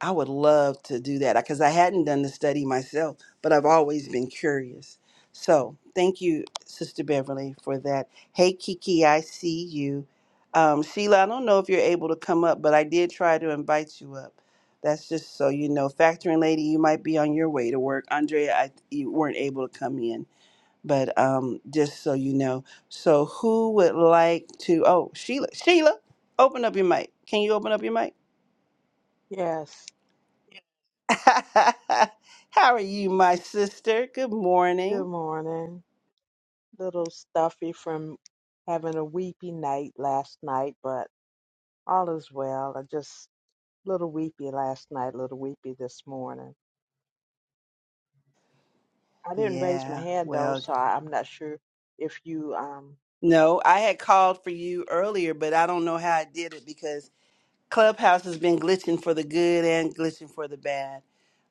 Speaker 1: I would love to do that because I hadn't done the study myself, but I've always been curious. So thank you, Sister Beverly, for that. Hey, Kiki, I see you. Um, Sheila, I don't know if you're able to come up, but I did try to invite you up. That's just so you know. Factoring lady, you might be on your way to work. Andrea, I, you weren't able to come in, but um, just so you know. So who would like to? Oh, Sheila, Sheila, open up your mic. Can you open up your mic?
Speaker 9: Yes,
Speaker 1: [LAUGHS] How are you, my sister? Good
Speaker 9: good
Speaker 1: morning.
Speaker 9: morning. Little stuffy from having a weepy night last night, but all is well. I just little weepy last night, little weepy this morning. I didn't raise my
Speaker 1: Yeah,
Speaker 9: hand though,
Speaker 1: well,
Speaker 9: so I, I'm not sure if you um
Speaker 1: no, I had called for you earlier, but I don't know how I did it because Clubhouse has been glitching for the good and glitching for the bad.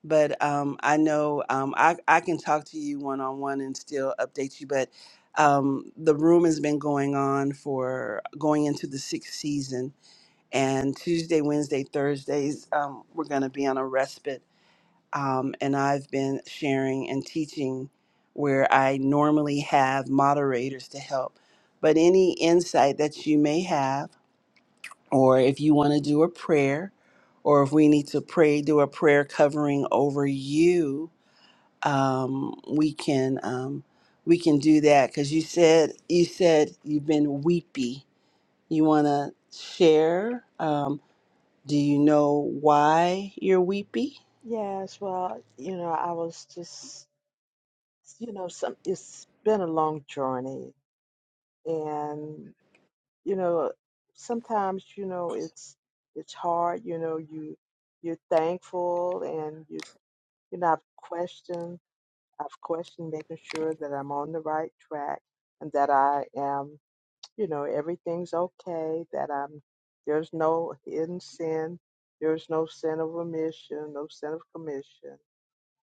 Speaker 1: But um, I know um, I, I can talk to you one on one and still update you. But um, the room has been going on for going into the sixth season. And Tuesday, Wednesday, Thursdays, um, we're going to be on a respite um, and I've been sharing and teaching where I normally have moderators to help. But any insight that you may have, or if you want to do a prayer, or if we need to pray, do a prayer covering over you, um, we can um, we can do that because you said you said you've been weepy. You want to share? Um, do you know why you're weepy,
Speaker 9: yes, well, you know, I was just you know, some it's been a long journey and you know sometimes you know it's it's hard you know you you're thankful and you you know I've questioned I've questioned making sure that I'm on the right track and that I am you know everything's okay that I'm there's no hidden sin there's no sin of omission no sin of commission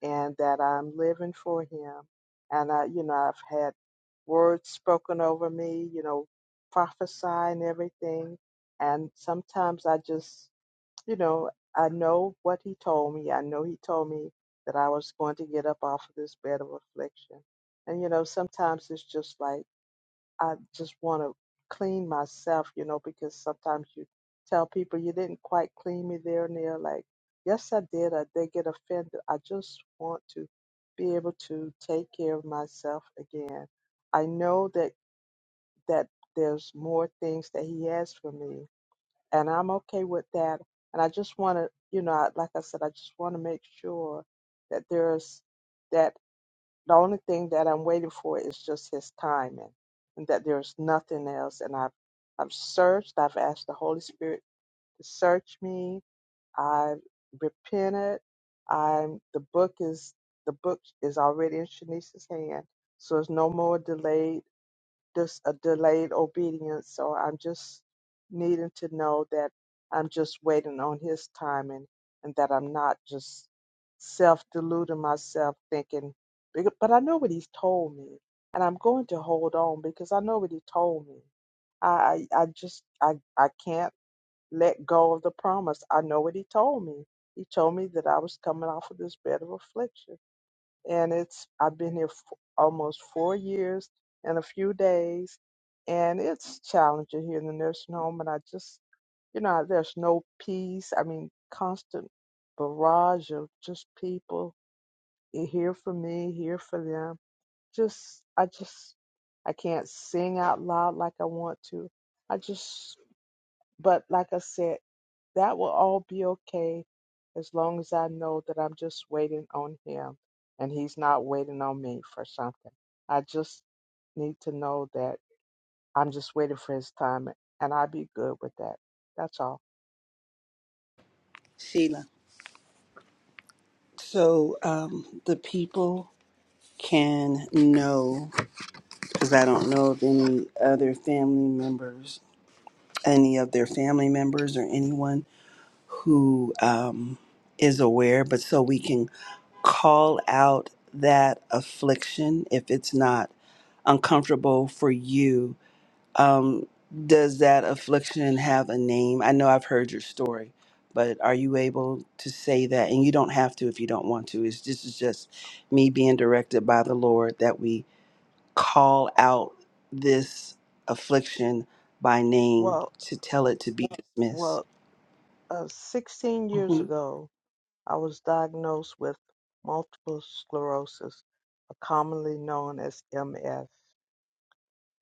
Speaker 9: and that I'm living for Him. And I, you know, I've had words spoken over me, you know, prophesy and everything. And sometimes I just, you know, I know what He told me. I know He told me that I was going to get up off of this bed of affliction. And, you know, sometimes it's just like, I just want to clean myself, you know, because sometimes you tell people you didn't quite clean me there and they're like, yes, I did. Or they get offended. I just want to be able to take care of myself again. I know that that there's more things that He has for me, and I'm okay with that. And I just want to, you know, I- like I said, I just want to make sure that there's that. The only thing that I'm waiting for is just his timing and that there's nothing else. And I've, I've searched, I've asked the Holy Spirit to search me. I've repented. I'm, the book is, the book is already in Shanice's hand. So it's no more delayed this a delayed obedience. So I'm just needing to know that I'm just waiting on his timing and that I'm not just self deluding myself thinking, "Becau- but I know what he's told me and I'm going to hold on because I know what he told me. I, I I just, I, I can't let go of the promise. I know what he told me. He told me that I was coming off of this bed of affliction and it's I've been here for almost four years and a few days, and it's challenging here in the nursing home. And I just, you know, there's no peace. I mean, constant barrage of just people eh, here for me, here for them. Just, I just, I can't sing out loud like I want to. I just but like I said, that will all be okay as long as I know that I'm just waiting on him and he's not waiting on me for something. I just need to know that I'm just waiting for his time and i would be good with that. That's all.
Speaker 1: Sheila? So um, the people can know, because I don't know of any other family members, any of their family members or anyone who um, is aware, but so we can call out that affliction if it's not uncomfortable for you um, does that affliction have a name? I know I've heard your story, but are you able to say that? And you don't have to if you don't want to. It's this is just me being directed by the Lord that we call out this affliction by name
Speaker 9: Well,
Speaker 1: to tell it to be dismissed.
Speaker 9: well, uh, 16
Speaker 1: Mm-hmm.
Speaker 9: years ago, I was diagnosed with multiple sclerosis, commonly known as MS.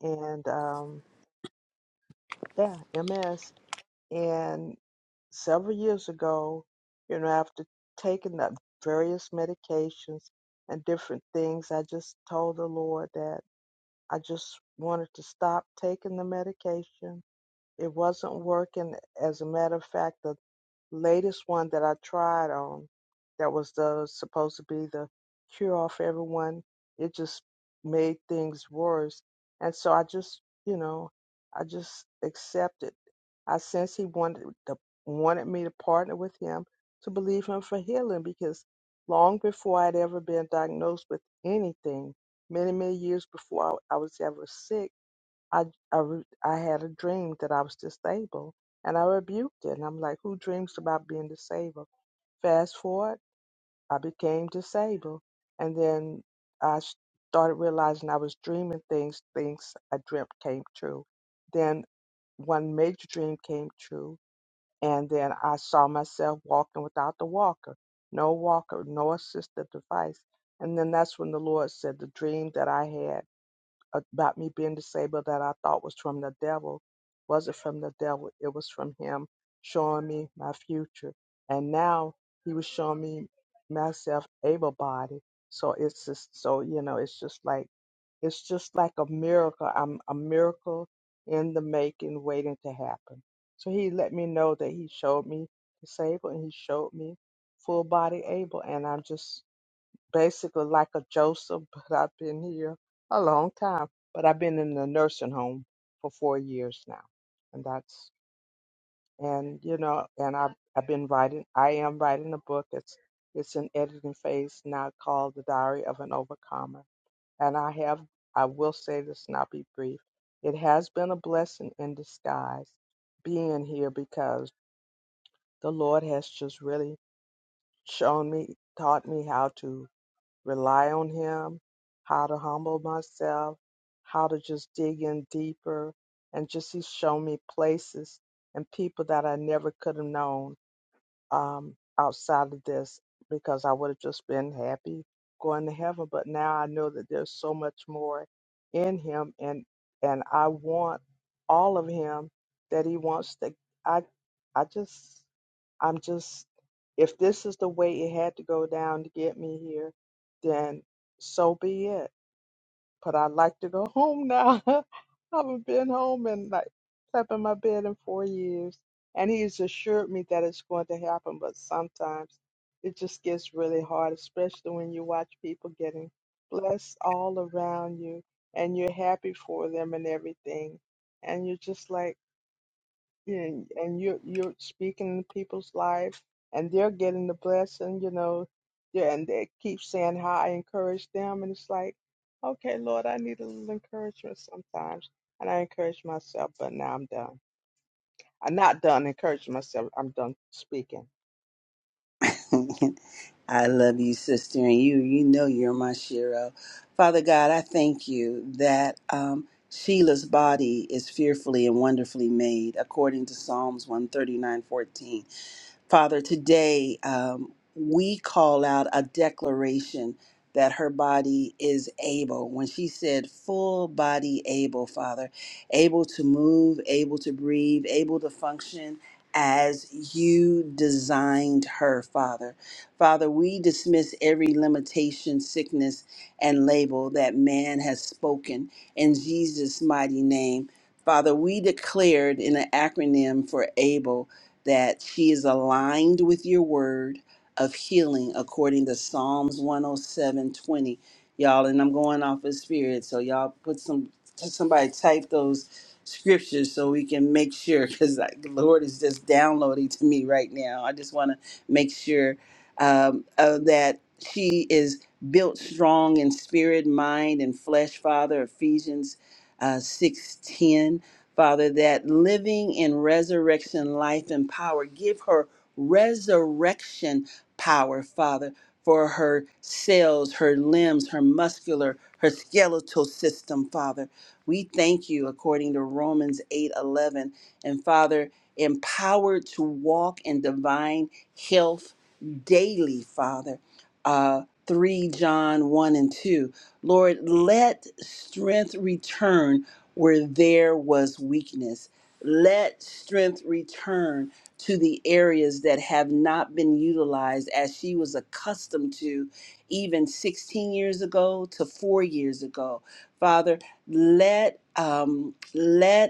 Speaker 9: And um, yeah, MS. and. several years ago, you know, after taking the various medications and different things, I just told the Lord that I just wanted to stop taking the medication. It wasn't working. As a matter of fact, the latest one that I tried on that was the supposed to be the cure all for everyone, it just made things worse. And so I just, you know, I just accepted. I sensed he wanted to, wanted me to partner with him to believe him for healing because long before I'd ever been diagnosed with anything, many many years before I, I was ever sick. I I re- I had a dream that I was disabled, and I rebuked it. And I'm like, who dreams about being disabled? Fast forward, I became disabled, and then I s- started realizing I was dreaming things. Things I dreamt came true. Then one major dream came true, and then I saw myself walking without the walker, no walker, no assistive device. And then that's when the Lord said, the dream that I had about me being disabled that I thought was from the devil wasn't from the devil. It was from him showing me my future. And now he was showing me myself able bodied. So it's just so you know, it's just like it's just like a miracle. I'm a miracle in the making waiting to happen. So he let me know that he showed me disabled and he showed me full body able and I'm just basically like a Joseph, [LAUGHS] but I've been here a long time. But I've been in the nursing home for four years now, and that's and you know, and I've I've been writing. I am writing a book. It's it's in editing phase now, called The Diary of an Overcomer. And I have I will say this, and I'll be brief. It has been a blessing in disguise being here because the Lord has just really shown me, taught me how to rely on Him, how to humble myself, how to just dig in deeper. And just He's shown me places and people that I never could have known um, outside of this because I would have just been happy going to heaven. But now I know that there's so much more in him, and and I want all of him that he wants to. I I just I'm just if this is the way it had to go down to get me here, then so be it but I like to go home now. [LAUGHS] I haven't been home and like slept in my bed in four years. And he's assured me that it's going to happen, but sometimes it just gets really hard, especially when you watch people getting blessed all around you and you're happy for them and everything. And you're just like, yeah, and you're you're speaking in people's lives, and they're getting the blessing, you know. Yeah, and they keep saying how I encourage them, and it's like, okay, Lord, I need a little encouragement sometimes, and I encourage myself, but now I'm done. I'm not done encouraging myself. I'm done speaking.
Speaker 1: [LAUGHS] I love you, sister, and you, you know you're my Shiro. Father God, I thank you that um, Sheila's body is fearfully and wonderfully made, according to Psalms 139:14. Father, today um, we call out a declaration that her body is able. When she said full body able, Father, able to move, able to breathe, able to function as you designed her, Father. Father, we dismiss every limitation, sickness, and label that man has spoken in Jesus' mighty name. Father, we declared in an acronym for ABLE that she is aligned with your word of healing according to Psalms 107:20. Y'all, and I'm going off of spirit, so y'all put some somebody type those scriptures so we can make sure because the Lord is just downloading to me right now. I just want to make sure um, uh, that she is built strong in spirit, mind, and flesh, Father. Ephesians uh, 6:10 Father, that living in resurrection life and power, give her resurrection power, Father, for her cells, her limbs, her muscular, her skeletal system, Father. We thank you according to Romans 8:11 and Father, empowered to walk in divine health daily, Father. Uh 3 John 1 and 2. Lord, let strength return where there was weakness. Let strength return to the areas that have not been utilized as she was accustomed to even 16 years ago to four years ago. Father, let um, let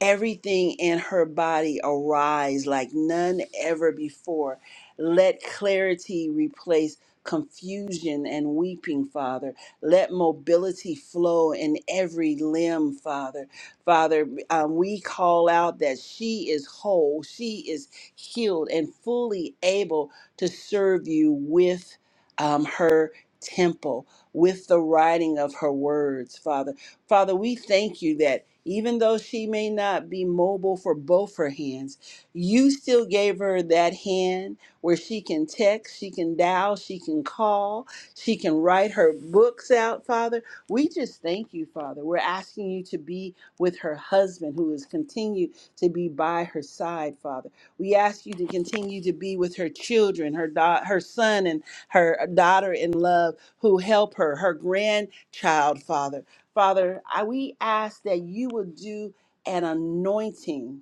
Speaker 1: everything in her body arise like none ever before. Let clarity replace confusion and weeping, Father. Let mobility flow in every limb, Father. Father, um, we call out that she is whole, she is healed, and fully able to serve you with um, her temple, with the writing of her words, Father. Father, we thank you that even though she may not be mobile for both her hands, you still gave her that hand where she can text, she can dial, she can call, she can write her books out, Father. We just thank you, Father. We're asking you to be with her husband who is continued to be by her side, Father. We ask you to continue to be with her children, her da- her son and her daughter in love who help her, her grandchild, Father. Father, I, we ask that you would do an anointing,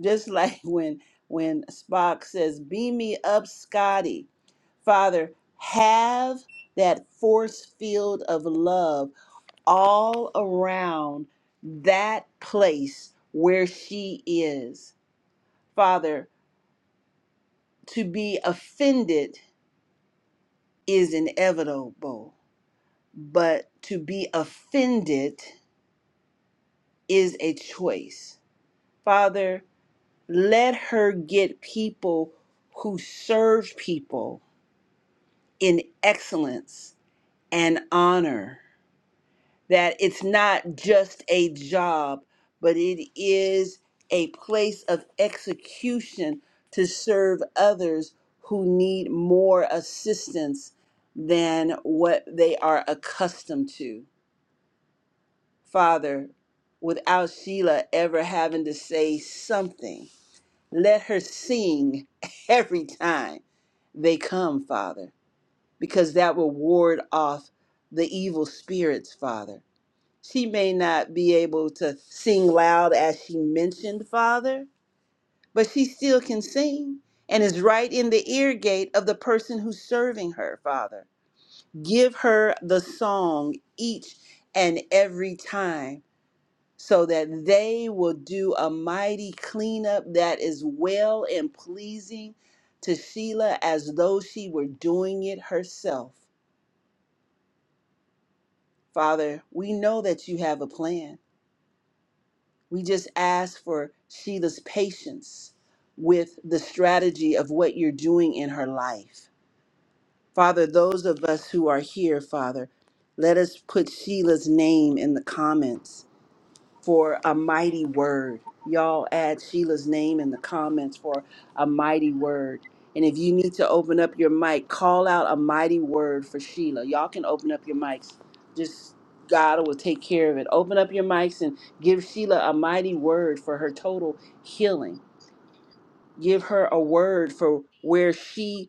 Speaker 1: just [LAUGHS] like when when Spock says, "Beam me up, Scotty." Father, have that force field of love all around that place where she is. Father, to be offended is inevitable, but to be offended is a choice. Father, Let her get people who serve people in excellence and honor. That it's not just a job, but it is a place of execution to serve others who need more assistance than what they are accustomed to. Father, without Sheila ever having to say something, let her sing [LAUGHS] every time they come, Father, because that will ward off the evil spirits, Father. She may not be able to sing loud as she mentioned, Father, but she still can sing and is right in the ear gate of the person who's serving her, Father. Give her the song each and every time so that they will do a mighty cleanup that is well and pleasing to Sheila as though she were doing it herself. Father, we know that you have a plan. We just ask for Sheila's patience with the strategy of what you're doing in her life. Father, those of us who are here, Father, let us put Sheila's name in the comments for a mighty word. Y'all add Sheila's name in the comments for a mighty word. And if you need to open up your mic, call out a mighty word for Sheila. Y'all can open up your mics. Just God will take care of it. Open up your mics and give Sheila a mighty word for her total healing. Give her a word for where she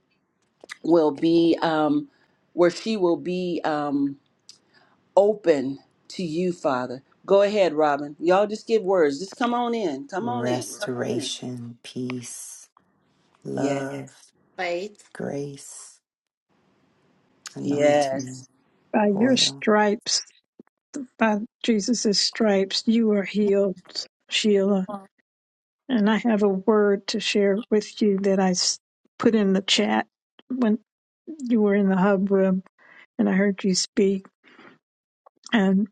Speaker 1: will be, um, where she will be. Um, open to you, Father. Go ahead, Robin. Y'all just give words. Just come on in. Come on in. Come on in.
Speaker 4: Restoration, peace,
Speaker 1: Yes,
Speaker 4: love,
Speaker 3: Faith.
Speaker 4: grace,
Speaker 1: Yes.
Speaker 4: anointing,
Speaker 10: By your
Speaker 4: oil.
Speaker 10: stripes, by Jesus' stripes, you are healed, Sheila. And I have a word to share with you that I s- put in the chat when you were in the hub room and I heard you speak. And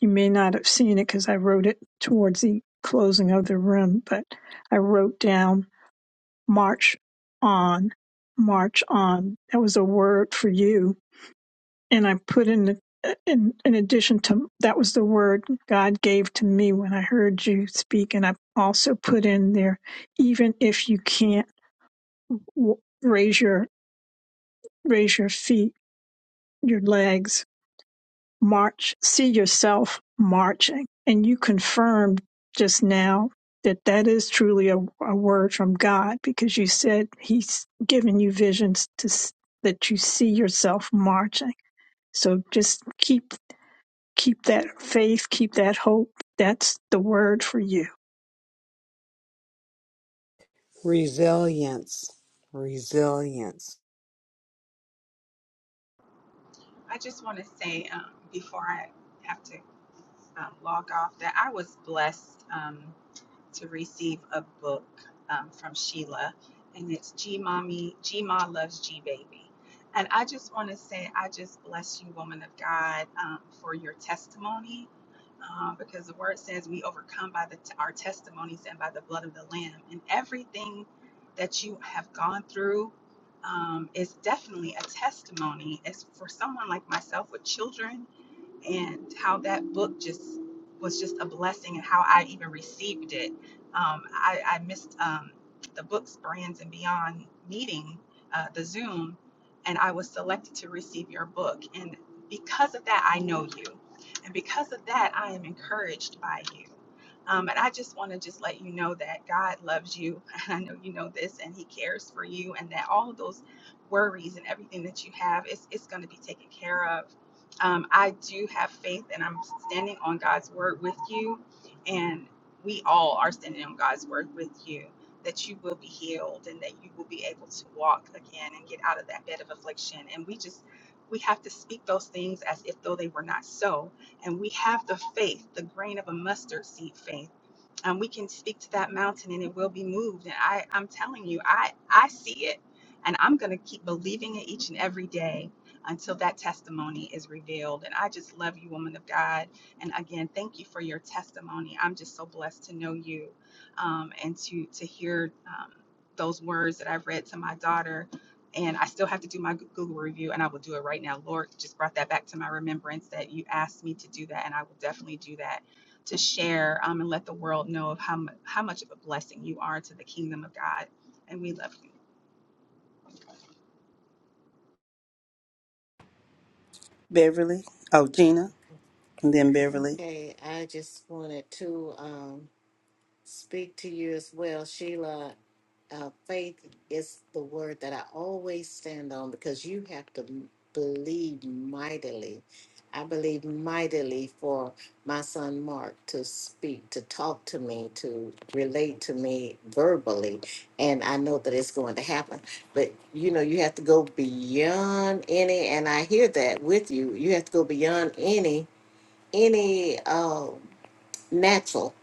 Speaker 10: you may not have seen it because I wrote it towards the closing of the room, but I wrote down march on, march on. That was a word for you and I put in the uh, in, in addition to that was the word God gave to me when I heard you speak, and I also put in there, even if you can't w- raise your raise your feet, your legs, march, see yourself marching, and you confirmed just now that that is truly a, a word from God because you said He's given you visions to s- that you see yourself marching. So just keep Keep that faith, keep that hope. That's the word for you.
Speaker 8: Resilience, resilience.
Speaker 5: I just want to say um, before I have to um, log off that I was blessed um, to receive a book um, from Sheila, and it's G Mommy, G Ma Loves G Baby. And I just want to say, I just bless you, woman of God, um, for your testimony. Um, because the word says we overcome by the t- our testimonies and by the blood of the Lamb, and everything that you have gone through um, is definitely a testimony. It's for someone like myself with children and how that book just was just a blessing and how I even received it. Um, I, I missed um, the books, brands, and beyond meeting, uh, the Zoom, and I was selected to receive your book. And because of that, I know you. And because of that, I am encouraged by you. Um, and I just want to just let you know that God loves you. [LAUGHS] I know you know this, and He cares for you, and that all of those worries and everything that you have, it's, it's going to be taken care of. Um, I do have faith, and I'm standing on God's word with you, and we all are standing on God's word with you. That you will be healed and that you will be able to walk again and get out of that bed of affliction. And we just, we have to speak those things as if though they were not so and we have the faith, the grain of a mustard seed faith um, we can speak to that mountain and it will be moved. And I, I'm telling you, I, I see it and I'm going to keep believing it each and every day until that testimony is revealed. And I just love you, woman of God. And again, thank you for your testimony. I'm just so blessed to know you um, and to, to hear um, those words that I've read to my daughter. And I still have to do my Google review, and I will do it right now. Lord just brought that back to my remembrance that you asked me to do that, and I will definitely do that to share um, and let the world know of how, how much of a blessing you are to the kingdom of God. And we love you.
Speaker 1: Beverly. Oh, Gina. And then Beverly.
Speaker 3: Okay, I just wanted to um, speak to you as well, Sheila. Uh, faith is the word that I always stand on because you have to m- believe mightily. I believe mightily for my son Mark to speak, to talk to me, to relate to me verbally. And I know that it's going to happen. But you know, you have to go beyond any, and I hear that with you. You have to go beyond any any um, natural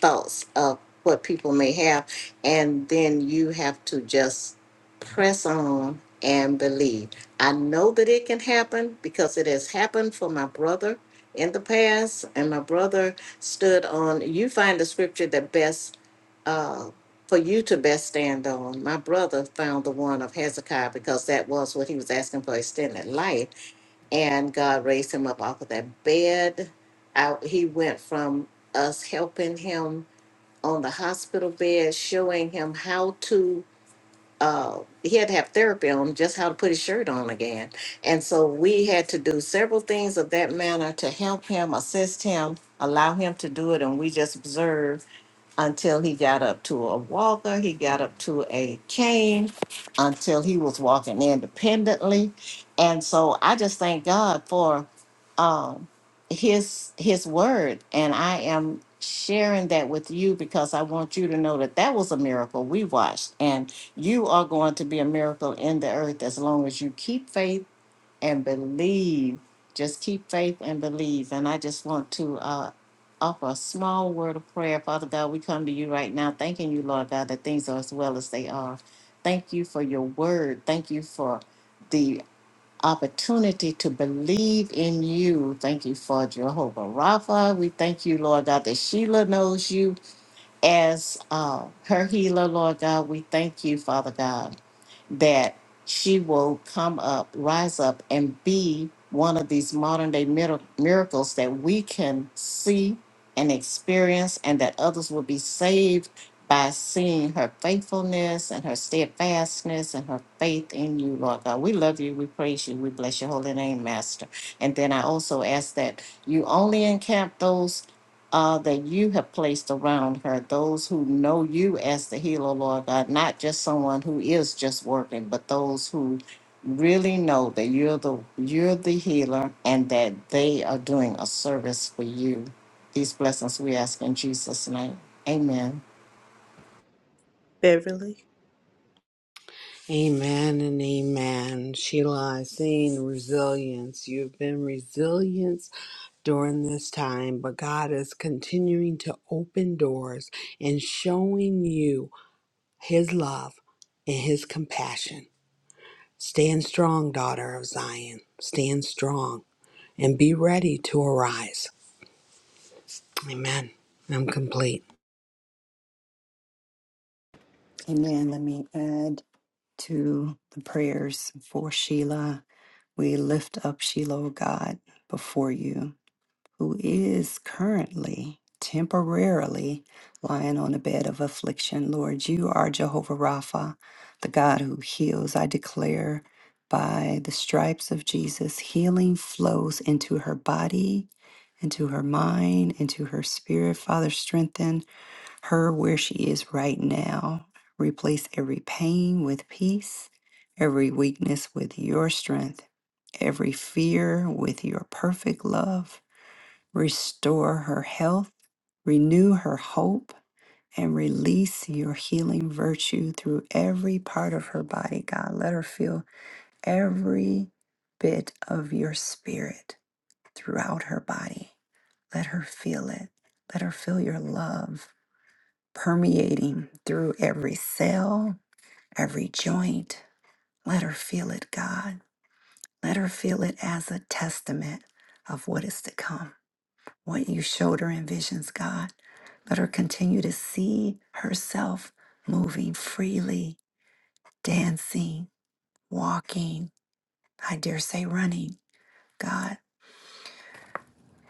Speaker 3: thoughts of what people may have, and then you have to just press on and believe. I know that it can happen because it has happened for my brother in the past, and my brother stood on. You find the scripture that best. Uh, for you to best stand on, my brother found the one of Hezekiah because that was what he was asking for extended life and God raised him up off of that bed. I, he went from us helping him on the hospital bed, showing him how to. Uh, he had to have therapy on just how to put his shirt on again, and so we had to do several things of that manner to help him, assist him, allow him to do it, and we just observed until he got up to a walker, he got up to a cane, until he was walking independently. And so I just thank God for um, his his word, and I am sharing that with you because I want you to know that that was a miracle we watched, and you are going to be a miracle in the earth as long as you keep faith and believe. Just keep faith and believe. And I just want to uh, offer a small word of prayer. Father God, we come to you right now, thanking you, Lord God, that things are as well as they are. Thank you for your word. Thank you for the opportunity to believe in you. Thank you for Jehovah Rapha. We thank you, Lord God, that Sheila knows you as uh, her healer, Lord God. We thank you, Father God that she will come up, rise up, and be one of these modern day mir- miracles that we can see and experience, and that others will be saved by seeing her faithfulness and her steadfastness and her faith in you, Lord God. We love you. We praise you. We bless your holy name, Master. And then I also ask that you only encamp those uh, that you have placed around her, those who know you as the healer, Lord God, not just someone who is just working, but those who really know that you're the you're the healer and that they are doing a service for you. These blessings we ask in Jesus' name. Amen.
Speaker 1: Beverly.
Speaker 8: Amen and amen. Sheila, I've seen resilience. You've been resilient during this time, but God is continuing to open doors and showing you His love and His compassion. Stand strong, daughter of Zion. Stand strong and be ready to arise. Amen. I'm complete.
Speaker 4: Amen. Let me add to the prayers for Sheila. We lift up Sheila, O God, before you. who is currently temporarily lying on a bed of affliction. Lord, you are Jehovah Rapha, the God who heals. I declare by the stripes of Jesus, healing flows into her body, into her mind, into her spirit. Father, strengthen her where she is right now. Replace every pain with peace, every weakness with your strength, every fear with your perfect love restore her health, renew her hope, and release your healing virtue through every part of her body, God. Let her feel every bit of your spirit throughout her body. Let her feel it. Let her feel your love permeating through every cell, every joint. Let her feel it, God. Let her feel it as a testament of what is to come, what you showed her in visions, God. Let her continue to see herself moving freely, dancing, walking, I dare say running. God,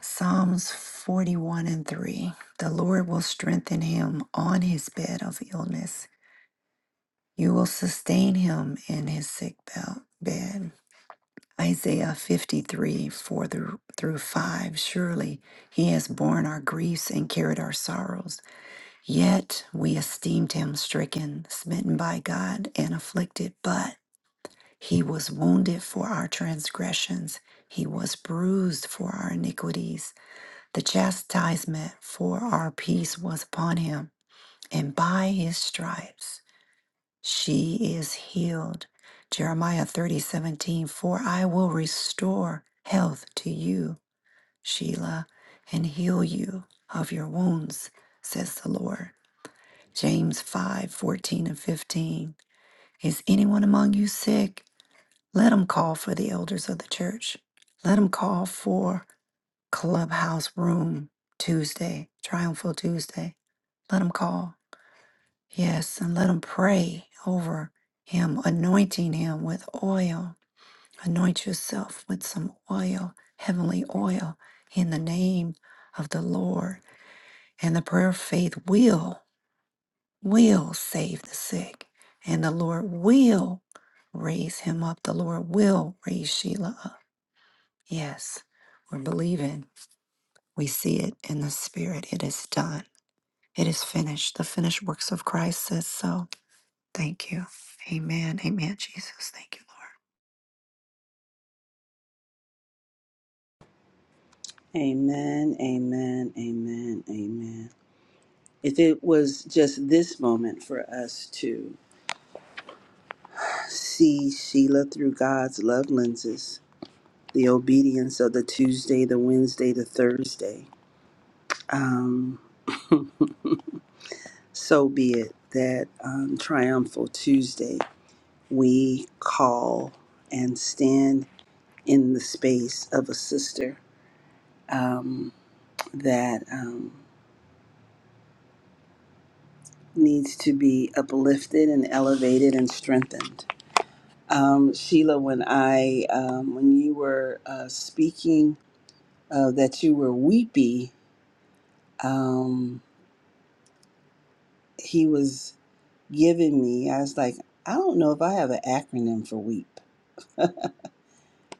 Speaker 4: Psalms 41 and 3 The Lord will strengthen him on his bed of illness. You will sustain him in his sick bel- bed. Isaiah 53 4 through, through 5 Surely he has borne our griefs and carried our sorrows Yet we esteemed him stricken, smitten by God, and afflicted, but he was wounded for our transgressions, he was bruised for our iniquities. The chastisement for our peace was upon him, and by his stripes she is healed. Jeremiah thirty seventeen. For I will restore health to you, Sheila, and heal you of your wounds, says the Lord. James 5 14 and 15. Is anyone among you sick? Let him call for the elders of the church. Let him call for Clubhouse Room Tuesday, Triumphal Tuesday. Let him call. Yes, and let him pray over him, anointing him with oil. Anoint yourself with some oil, heavenly oil, in the name of the Lord. And the prayer of faith will. will save the sick, and the Lord will raise him up. The Lord will raise Sheila up. Yes, we're believing. We see it in the spirit. It is done. It is finished. The finished works of Christ says so. Thank you. Amen. Amen, Jesus. Thank you, Lord.
Speaker 1: Amen. Amen. Amen. Amen. If it was just this moment for us to see Sheila through God's love lenses, the obedience of the Tuesday, the Wednesday, the Thursday, um, so be it that um, triumphal Tuesday we call and stand in the space of a sister um, that um, needs to be uplifted and elevated and strengthened. Um, Sheila, when I um, when you were uh, speaking uh, that you were weepy, um, he was giving me. I was like, I don't know if I have an acronym for weep,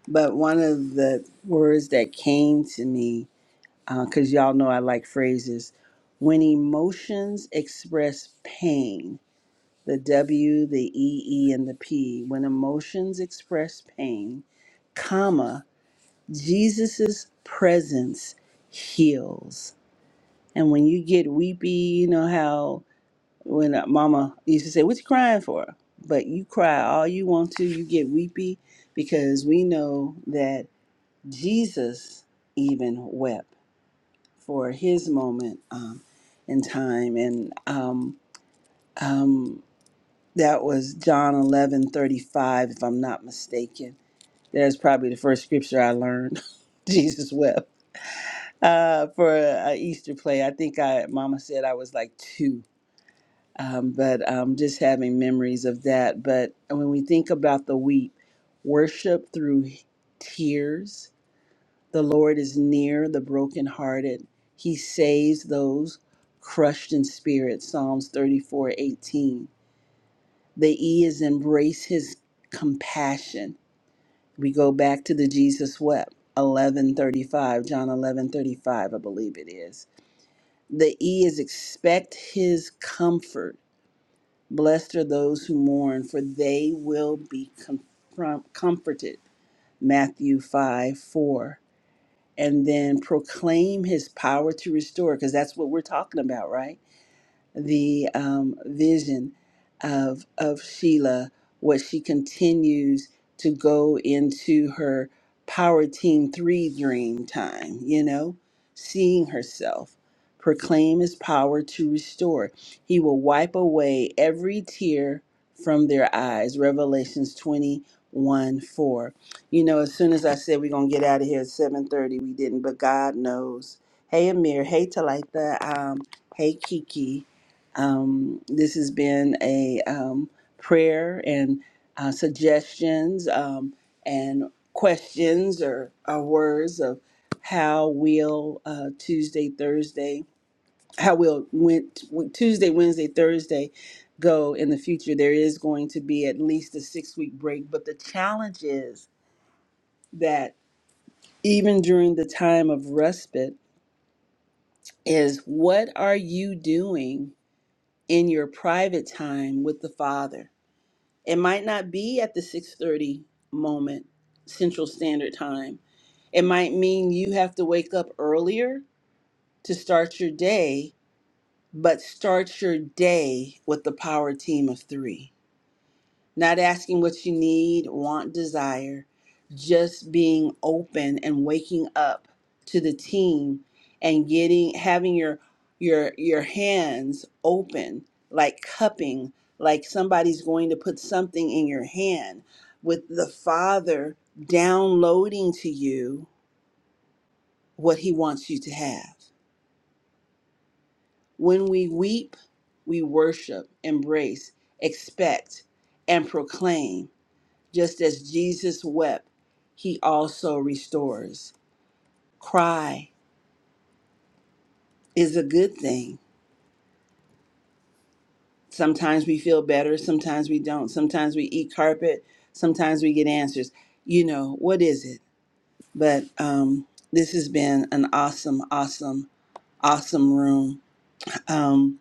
Speaker 1: but one of the words that came to me because y'all know I like phrases. When emotions express pain, the W, the E, E, and the P, when emotions express pain, comma, Jesus's presence heals. And when you get weepy, you know how when uh, mama used to say, What you crying for? But you cry all you want to, you get weepy because we know that Jesus even wept for his moment um, in time, and um, um, that was John eleven thirty five, if I'm not mistaken. That's probably the first scripture I learned. [LAUGHS] Jesus wept uh, for a, a Easter play. I think I, Mama said I was like two, um, but um, just having memories of that. But when we think about the weep, worship through tears The Lord is near the brokenhearted. He saves those crushed in spirit. Psalms 34:18. The E is embrace his compassion. We go back to the Jesus wept. 1135 John 1135 I believe it is the E is expect his comfort blessed are those who mourn for they will be com- comforted Matthew 5 4 and then proclaim his power to restore because that's what we're talking about, right? the um, vision of of Sheila, what she continues to go into her Power Team Three dream time. You know, seeing herself proclaim His power to restore. He will wipe away every tear from their eyes. Revelations twenty one four. You know, as soon as I said we're gonna get out of here at seven thirty, we didn't, but God knows. Hey Amir, hey Talitha, um, hey Kiki. Um, this has been a um, prayer and uh, suggestions um, and questions or, or words of how will uh, Tuesday, Thursday, how will win- Tuesday, Wednesday, Thursday go in the future. There is going to be at least a six week break, but the challenge is that even during the time of respite, is what are you doing in your private time with the Father? It might not be at the 6:30 moment Central Standard Time. It might mean you have to wake up earlier to start your day, but start your day with the power team of 3 not asking what you need, want, desire, just being open and waking up to the team and getting having your your your hands open like cupping like somebody's going to put something in your hand with the father downloading to you what he wants you to have when we weep we worship embrace expect and proclaim Just as Jesus wept, he also restores. Cry is a good thing. Sometimes we feel better, sometimes we don't. Sometimes we eat carpet, sometimes we get answers. You know, what is it? But um, this has been an awesome, awesome, awesome room. Um,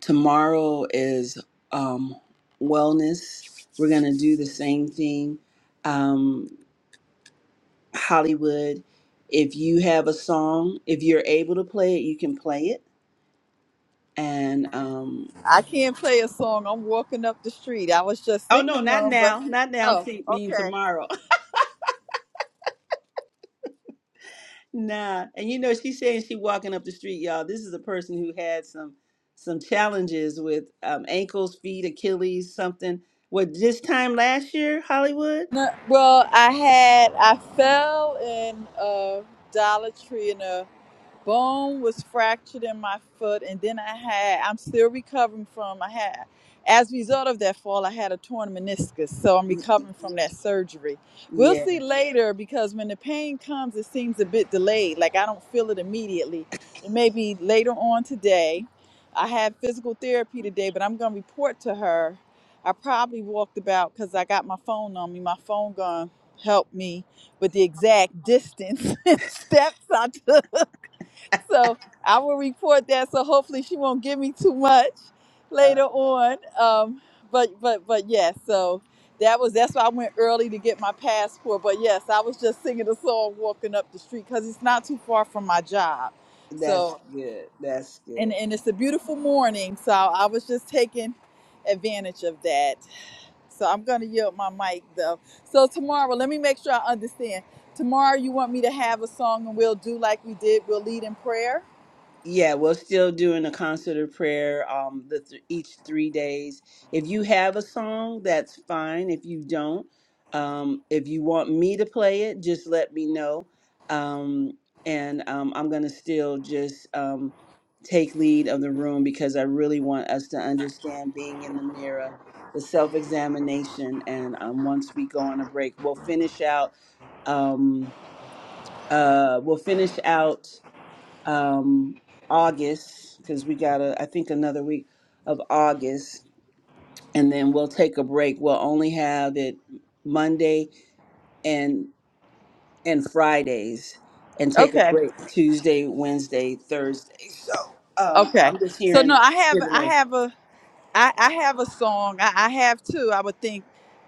Speaker 1: tomorrow is um, wellness. We're going to do the same thing. Um, Hollywood. If you have a song, if you're able to play it, you can play it. And um
Speaker 6: I can't play a song. I'm walking up the street. I was just
Speaker 1: oh no,
Speaker 6: singing
Speaker 1: not
Speaker 6: one, but
Speaker 1: now, not now. I'm
Speaker 6: oh,
Speaker 1: see- mean
Speaker 6: okay.
Speaker 1: tomorrow. [LAUGHS] nah. And you know she's saying she walking up the street, y'all. This is a person who had some some challenges with um, ankles, feet, Achilles, something. What this time last year, Hollywood?
Speaker 6: No, well, I had I fell in a Dollar Tree in a bone was fractured in my foot and then i had i'm still recovering from i had as a result of that fall i had a torn meniscus so i'm
Speaker 1: Y-
Speaker 6: recovering from that surgery we'll
Speaker 1: Yeah,
Speaker 6: see later because when the pain comes it seems a bit delayed like i don't feel it immediately it may be later on today i had physical therapy today but i'm going to report to her i probably walked about because i got my phone on me my phone gun helped me with the exact distance [LAUGHS] and steps i took [LAUGHS] so I will report that. So hopefully she won't give me too much
Speaker 1: uh,
Speaker 6: later on. Um, but but but yes. so that was that's why I went early to get my passport. But yes, I was just singing a song walking up the street because it's not too far from my job.
Speaker 1: that's
Speaker 6: So
Speaker 1: good. That's good.
Speaker 6: and and it's a beautiful morning. So I was just taking advantage of that. So I'm gonna yield my mic though. So tomorrow, let me make sure I understand. Tomorrow you want me to have a song and we'll do like we did. We'll lead in prayer.
Speaker 1: Yeah, we're still doing a concert of prayer um the th- each 3 days. If you have a song, that's fine. If you don't, um if you want me to play it, just let me know. Um and um I'm going to still just um take lead of the room because I really want us to understand being in the mirror, the self-examination and um once we go on a break, we'll finish out um uh we'll finish out um, August because we got a I think another week of August, and then we'll take a break. We'll only have it Monday and and Fridays, and take a
Speaker 6: Okay.
Speaker 1: break Tuesday, Wednesday, Thursday. So um,
Speaker 6: Okay.
Speaker 1: I'm just
Speaker 6: So no,
Speaker 1: hearing,
Speaker 6: I have
Speaker 1: hear the
Speaker 6: I
Speaker 1: Lord.
Speaker 6: have a I, I have a song. I, I have two. I would think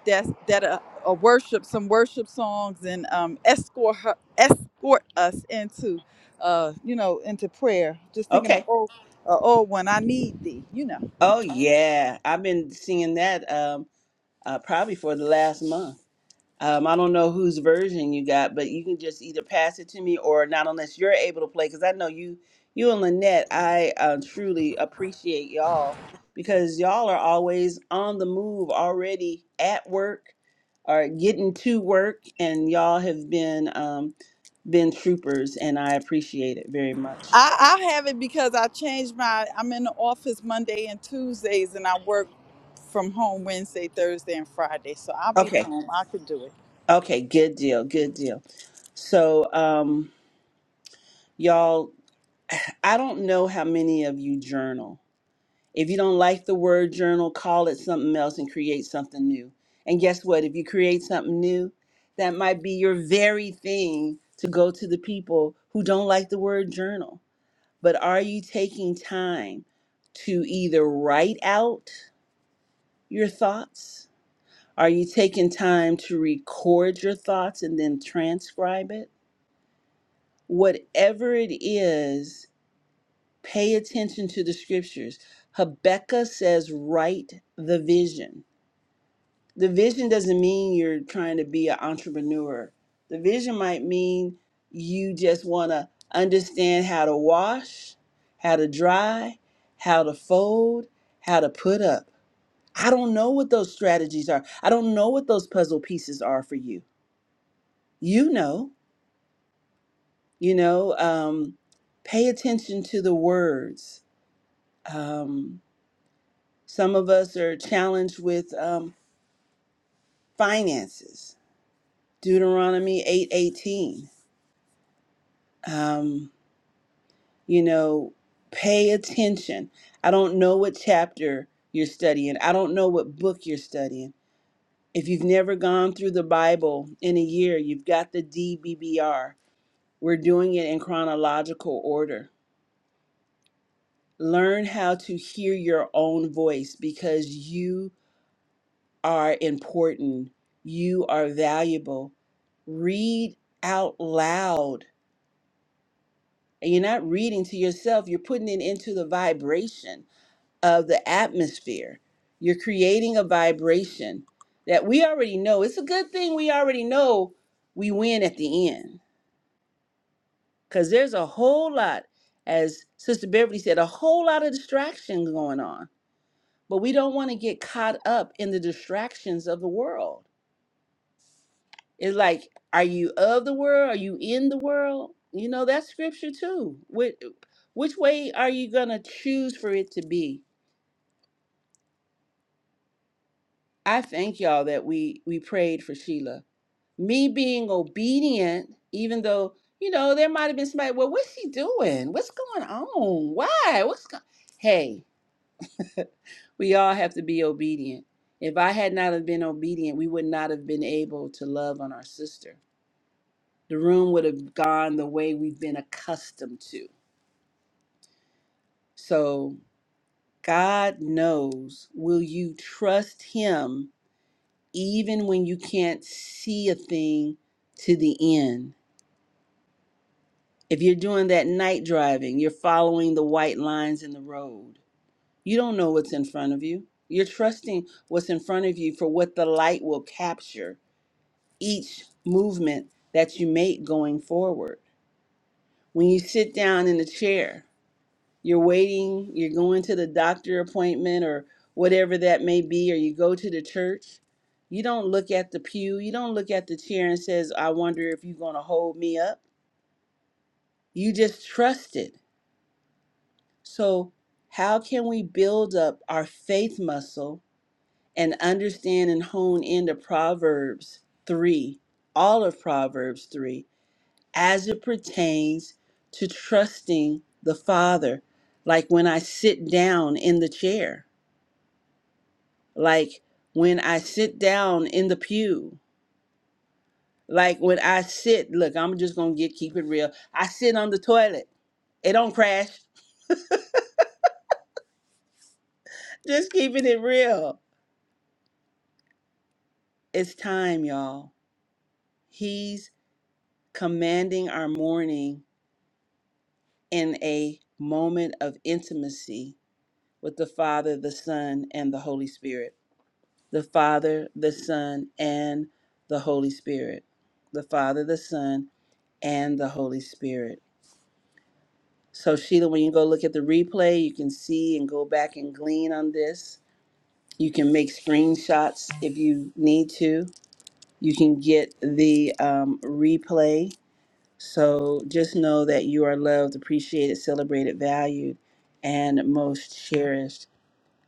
Speaker 6: that's that a, a worship some worship songs and um escort her, escort us into uh you know into prayer. Just thinking of
Speaker 1: Okay.
Speaker 6: oh uh, old one. I need thee, you know.
Speaker 1: Oh yeah, I've been seeing that um, uh, probably for the last month. Um, I don't know whose version you got, but you can just either pass it to me or not, unless you're able to play. Because I know you, you and Lynette, I uh, truly appreciate y'all because y'all are always on the move, already at work or getting to work, and y'all have been um, been troopers, and I appreciate it very much.
Speaker 6: I, I have it because I changed my I'm in the office Monday and Tuesdays and I work from home Wednesday, Thursday and Friday. So I'll be
Speaker 1: Okay,
Speaker 6: home. I can do it.
Speaker 1: okay, good deal, good deal. So, um, y'all, I don't know how many of you journal If you don't like the word journal, call it something else and create something new. And guess what? If you create something new, that might be your very thing to go to the people who don't like the word journal. But are you taking time to either write out your thoughts? Are you taking time to record your thoughts and then transcribe it? Whatever it is, pay attention to the scriptures. Habakkuk says, write the vision. the vision doesn't mean you're trying to be an entrepreneur. The vision might mean you just want to understand how to wash, how to dry, how to fold, how to put up. I don't know what those strategies are. I don't know what those puzzle pieces are for you. You know, you know, um, pay attention to the words. Um, some of us are challenged with um, finances. Deuteronomy 8:18. you know, pay attention. I don't know what chapter you're studying, I don't know what book you're studying. If you've never gone through the Bible in a year, you've got the DBBR. We're doing it in chronological order. Learn how to hear your own voice because you are important. You are valuable. Read out loud. And you're not reading to yourself, you're putting it into the vibration of the atmosphere. You're creating a vibration that we already know. It's a good thing we already know we win at the end because there's a whole lot, as Sister Beverly said, a whole lot of distraction going on. But we don't want to get caught up in the distractions of the world. It's like, are you of the world? Are you in the world? You know, that's scripture too. Which, which way are you going to choose for it to be? I thank y'all that we we prayed for Sheila me being obedient, even though, you know, there might have been somebody, well, what's she doing? What's going on? Why? What's going Hey, [LAUGHS] we all have to be obedient. If I had not have been obedient, we would not have been able to love on our sister. The room would have gone the way we've been accustomed to. So God knows, will you trust him even when you can't see a thing to the end? If you're doing that night driving, you're following the white lines in the road. You don't know what's in front of you. You're trusting what's in front of you for what the light will capture each movement that you make going forward. When you sit down in the chair, you're waiting, you're going to the doctor appointment or whatever that may be, or you go to the church. You don't look at the pew, you don't look at the chair and says, I wonder if you're going to hold me up. You just trust it So, how can we build up our faith muscle and understand and hone into Proverbs 3, all of Proverbs 3, as it pertains to trusting the Father? Like when I sit down in the chair, like when I sit down in the pew, like when I sit, look, I'm just going to get keep it real. I sit on the toilet. It don't crash. [LAUGHS] Just keeping it real. It's time, y'all. He's commanding our morning in a moment of intimacy with the Father, the Son, and the Holy Spirit. The Father, the Son, and the Holy Spirit. The Father, the Son, and the Holy Spirit. So, Sheila, when you go look at the replay, you can see and go back and glean on this. You can make screenshots if you need to. You can get the um, replay So just know that you are loved, appreciated, celebrated, valued, and most cherished.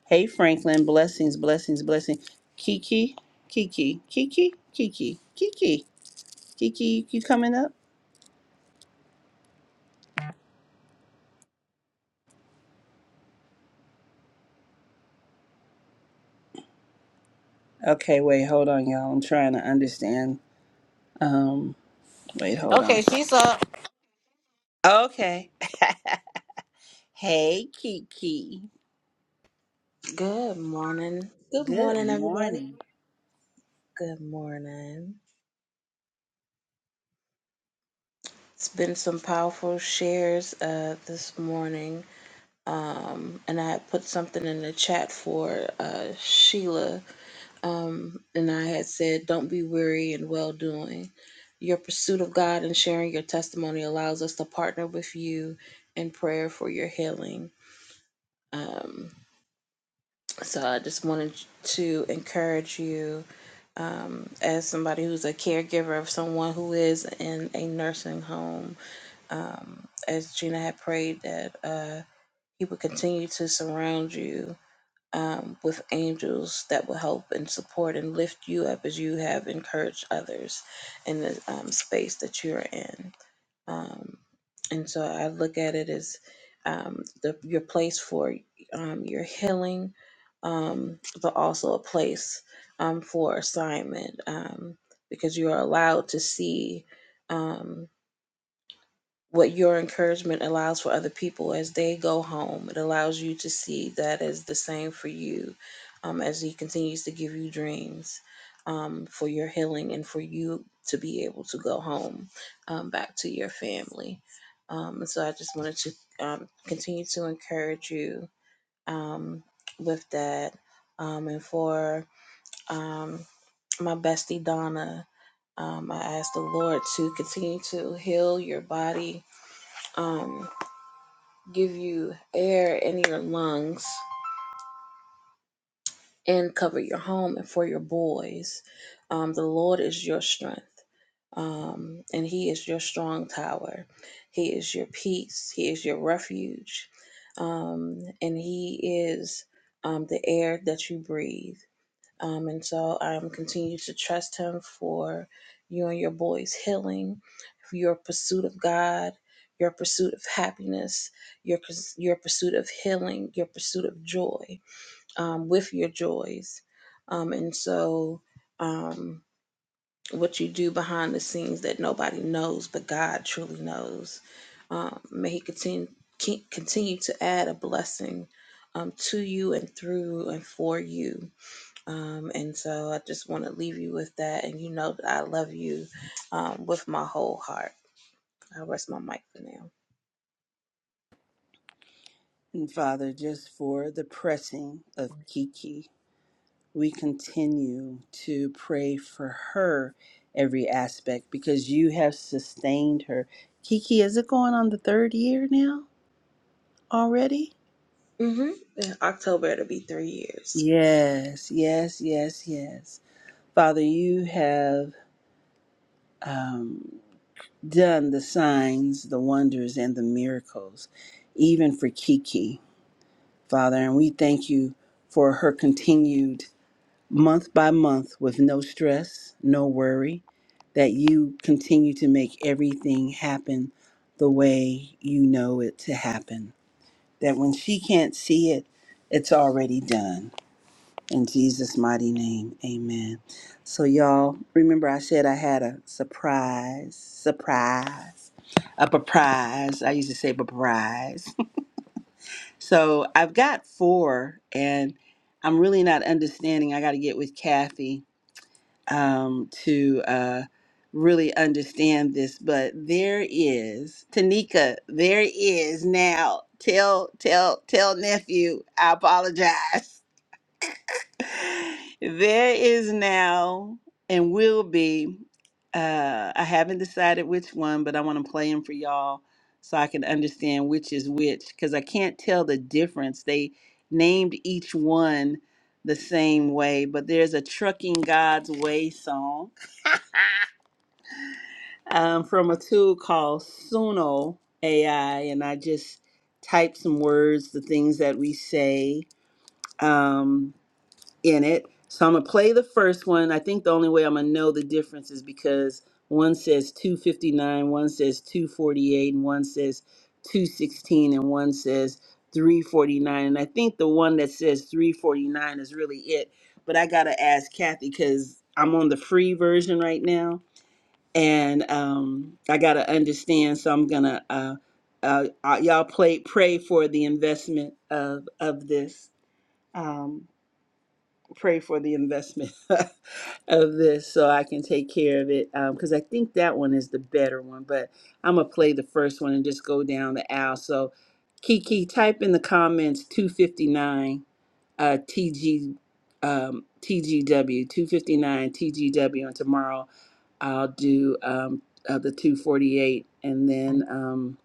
Speaker 1: Hey, Franklin, blessings, blessings, blessings. Kiki, Kiki, Kiki, Kiki, Kiki, Kiki, you coming up? Okay, wait, hold on, y'all. I'm trying to understand. Um, wait, hold
Speaker 3: Okay,
Speaker 1: on.
Speaker 3: she's up.
Speaker 1: Okay. Hey, Kiki.
Speaker 11: Good morning. Good
Speaker 1: Good
Speaker 11: morning, everybody.
Speaker 1: morning.
Speaker 11: Good morning. It's been some powerful shares uh, this morning. Um, and I had put something in the chat for uh, Sheila. Um, and I had said, Don't be weary in well doing. Your pursuit of God and sharing your testimony allows us to partner with you in prayer for your healing. Um, So I just wanted to encourage you um, as somebody who's a caregiver of someone who is in a nursing home. Um, as Gina had prayed that uh, He would continue to surround you um, with angels that will help and support and lift you up as you have encouraged others in the um, space that you're in. Um, and so I look at it as um, the, your place for um, your healing, um, but also a place um, for assignment um, because you are allowed to see. Um, what your encouragement allows for other people as they go home. It allows you to see that as the same for you um, as He continues to give you dreams um, for your healing and for you to be able to go home um, back to your family. Um, and so I just wanted to um, continue to encourage you um, with that. Um, and for um, my bestie Donna, um, I ask the Lord to continue to heal your body. Um, give you air in your lungs and cover your home and for your boys. Um, the Lord is your strength, um, and He is your strong tower. He is your peace. He is your refuge, um, and He is um, the air that you breathe. Um, and so I'm continue to trust Him for you and your boy's healing, for your pursuit of God, your pursuit of happiness, your purs- your pursuit of healing, your pursuit of joy, um, with your joys. Um, and so um, what you do behind the scenes that nobody knows, but God truly knows. Um, may He continue continue to add a blessing um, to you and through and for you um, and so I just want to leave you with that. And you know that I love you um, with my whole heart. I will rest my mic for now.
Speaker 1: And Father, just for the pressing of Kiki. we continue to pray for her every aspect because you have sustained her. Kiki, is it going on the third year now already?
Speaker 11: hmm In October, it'll be three years.
Speaker 1: Yes, yes, yes, yes. Father, you have um, done the signs, the wonders, and the miracles, even for Kiki, Father. And we thank you for her continued month by month with no stress, no worry, that you continue to make everything happen the way you know it to happen. That when she can't see it, it's already done. In Jesus' mighty name, amen. So, y'all, remember I said I had a surprise, surprise, a surprise. I used to say surprise. [LAUGHS] so, I've got four, and I'm really not understanding. I got to get with Kathy um, to uh, really understand this, but there is Tanika. There is now. Tell tell tell nephew. I apologize. [LAUGHS] There is now and will be. Uh, I haven't decided which one, but I want to play them for y'all so I can understand which is which because I can't tell the difference. They named each one the same way, but there's a Trucking God's Way song um, from a tool called Suno AI, and I just type some words, the things that we say um, in it. So I'm gonna play the first one. I think the only way I'm gonna know the difference is because one says 259, one says 248, and one says 216, and one says 349. And I think the one that says 349 is really it. But I gotta ask Kathy because I'm on the free version right now and um, I got to understand. So I'm gonna uh, uh, uh, y'all play pray for the investment of of this. Um, pray for the investment [LAUGHS] of this so I can take care of it because I think that one is the better one. But I'm gonna play the first one and just go down the aisle. So Kiki, type in the comments 259 uh, TG um, TGW 259 TGW, and tomorrow I'll do um, uh, the 248, and then um,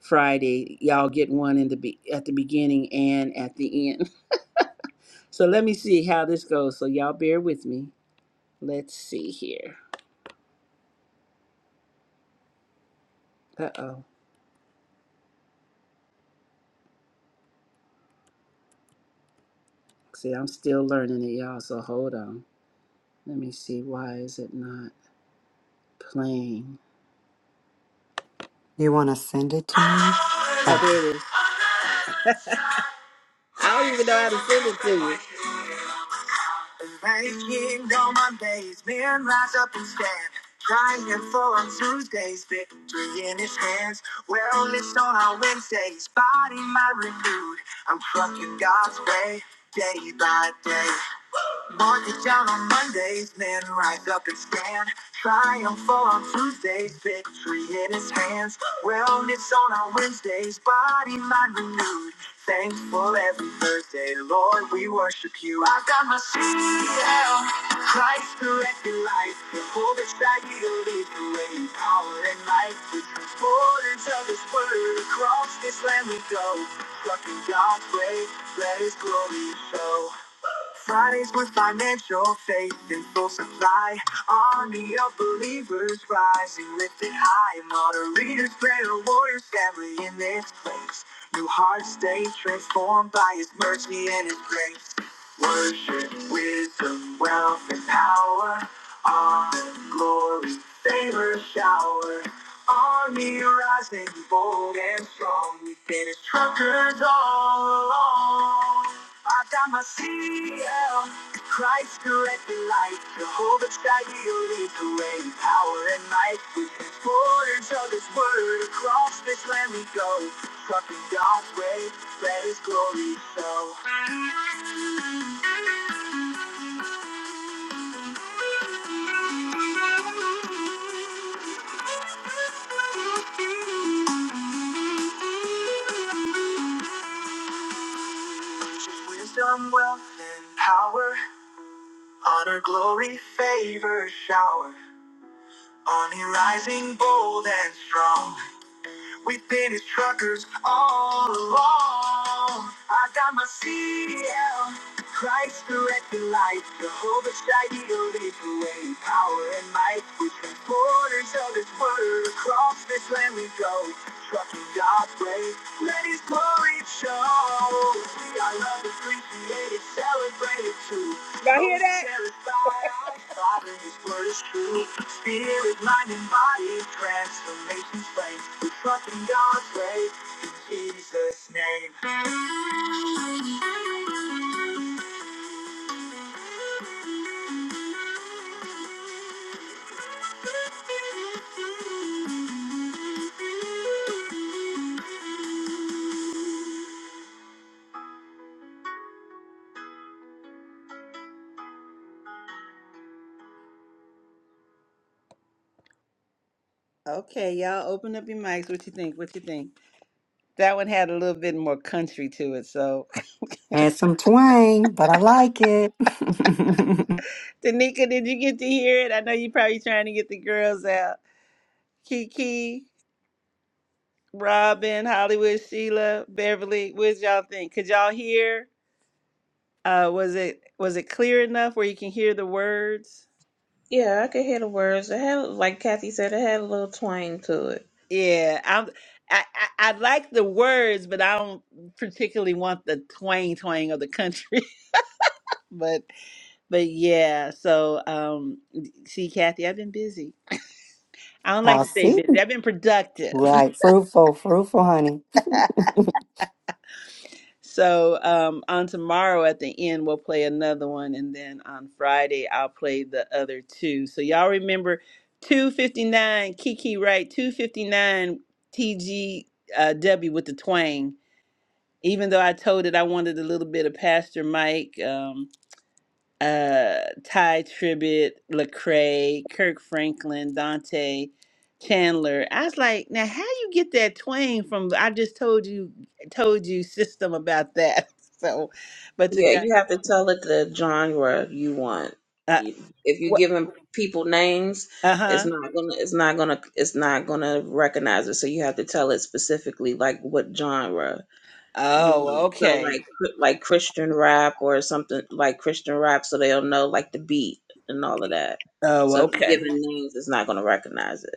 Speaker 1: Friday y'all get one in the be- at the beginning and at the end. [LAUGHS] So let me see how this goes. So y'all bear with me. Let's see here. Uh oh. See, I'm still learning it, y'all. So hold on. Let me see. Why is it not playing?
Speaker 4: You want to send it to me? Oh,
Speaker 1: Oh, there it is. I don't even know how to send it to you. Late kingdom on days, man, rise up and stand, crying for on Tuesdays, victory in his hands. Wellness on our Wednesdays, body, mind renewed. I'm trucking God's way, day by day. Boys get down on Mondays, men rise up and stand. Triumph on Tuesdays, victory in his hands. Wellness on our Wednesdays, body, mind renewed. Thankful every Thursday, Lord, we worship you. I got my CL, Christ directed life. The hope is that you lead the way, in power and might. The transporters of his word, across this land we go. Struck in God's way, let his glory show. Fridays with financial faith in full supply. Army of believers rising, lifted high. Moderators, prayer warriors, family in this place. New hearts stay transformed by His mercy and His grace. Worship, wisdom, wealth, and power. Honor, glory, favor, shower. Army rising, bold and strong. We've been as truckers all along. I got my CL. Christ directed light. Jehovah Jireh leads the way. Power and might. With his borders of his word. Across this land we go. Trucking God's way. Let his glory show. Wisdom, wealth, and power, honor, glory, favor, shower. On you rising bold and strong. We've been his truckers all along. I got my CDL. Christ directed light. Jehovah Shai leads the way. Power and might. We're transporters of his word. Across this land we go. Trucking God's way. Let his glory show. We are loved, appreciated, celebrated too. Y'all hear that? [LAUGHS] Spirit, mind, and body, transformation's flame. We trust in God's way, in Jesus' name. Okay, y'all open up your mics. What you think? What you think? That one had a little bit more country to it. So,
Speaker 4: had some twang, but I like it. [LAUGHS] the
Speaker 1: [LAUGHS] Danica, did you get to hear it? I know you're probably trying to get the girls out. Kiki, Robin, Hollywood, Sheila, Beverly. What did y'all think? Could y'all hear? Uh, was it was it clear enough where you can hear the words?
Speaker 11: Yeah, I could hear the words. It had, like Kathy said, it had a little twang to it.
Speaker 1: Yeah, I'm, I, I I like the words, but I don't particularly want the twang twang of the country. [LAUGHS] but but yeah, so um, see, Kathy, I've been busy. I don't like to say busy. I've been productive. [LAUGHS] so um, on tomorrow at the end, we'll play another one, and then on Friday I'll play the other two. So y'all remember, two fifty nine Kiki Wright, two fifty nine TG uh, W with the twang even though I told it I wanted a little bit of Pastor Mike, um, uh, Ty Tribbett, Lecrae, Kirk Franklin, Dante Chandler. I was like, now how you get that twang from? I just told you, told you system about that. [LAUGHS] So, but to
Speaker 11: Yeah,
Speaker 1: God,
Speaker 11: you have to tell it the genre you want.
Speaker 1: uh,
Speaker 11: You- If you're
Speaker 1: what?
Speaker 11: giving people names,
Speaker 1: Uh
Speaker 11: it's
Speaker 1: huh.
Speaker 11: not gonna, it's not gonna, it's not gonna recognize it. So you have to tell it specifically, like what genre. You
Speaker 1: Oh,
Speaker 11: want so
Speaker 1: okay.
Speaker 11: like cr- like Christian rap or something like Christian rap, so they'll know like the beat and all of that.
Speaker 1: Oh,
Speaker 11: So if you
Speaker 1: okay.
Speaker 11: give it names, it's not gonna recognize it.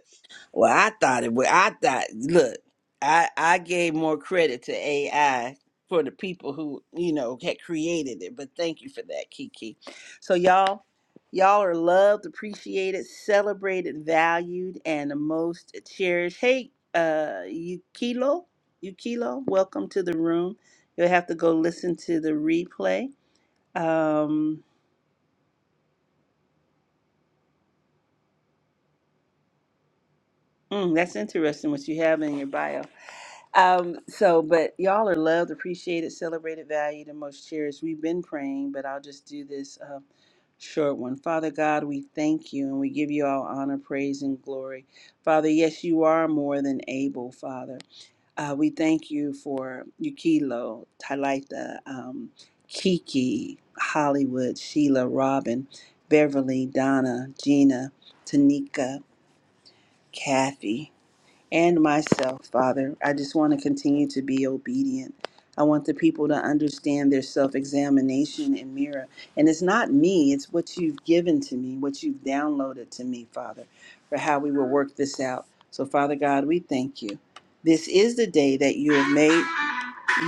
Speaker 1: Well, I thought it. Well, I thought. Look, I I gave more credit to AI for the people who you know had created it. But thank you for that, Kiki. So y'all, y'all are loved, appreciated, celebrated, valued, and the most cherished. Hey, uh, Yukilo, Yukilo, welcome to the room. You'll have to go listen to the replay. Um, Mm, that's interesting what you have in your bio. Um, so, but y'all are loved, appreciated, celebrated, valued, and most cherished. We've been praying, but I'll just do this uh, short one. Father God, we thank you and we give you all honor, praise, and glory. Father, yes, you are more than able, Father. Uh, we thank you for Yukilo, Talitha, um, Kiki, Hollywood, Sheila, Robin, Beverly, Donna, Gina, Tanika, Kathy and myself, Father. I just want to continue to be obedient. I want the people to understand their self examination and mirror. And it's not me, it's what you've given to me, what you've downloaded to me, Father, for how we will work this out. So, Father God, we thank you. This is the day that you have made.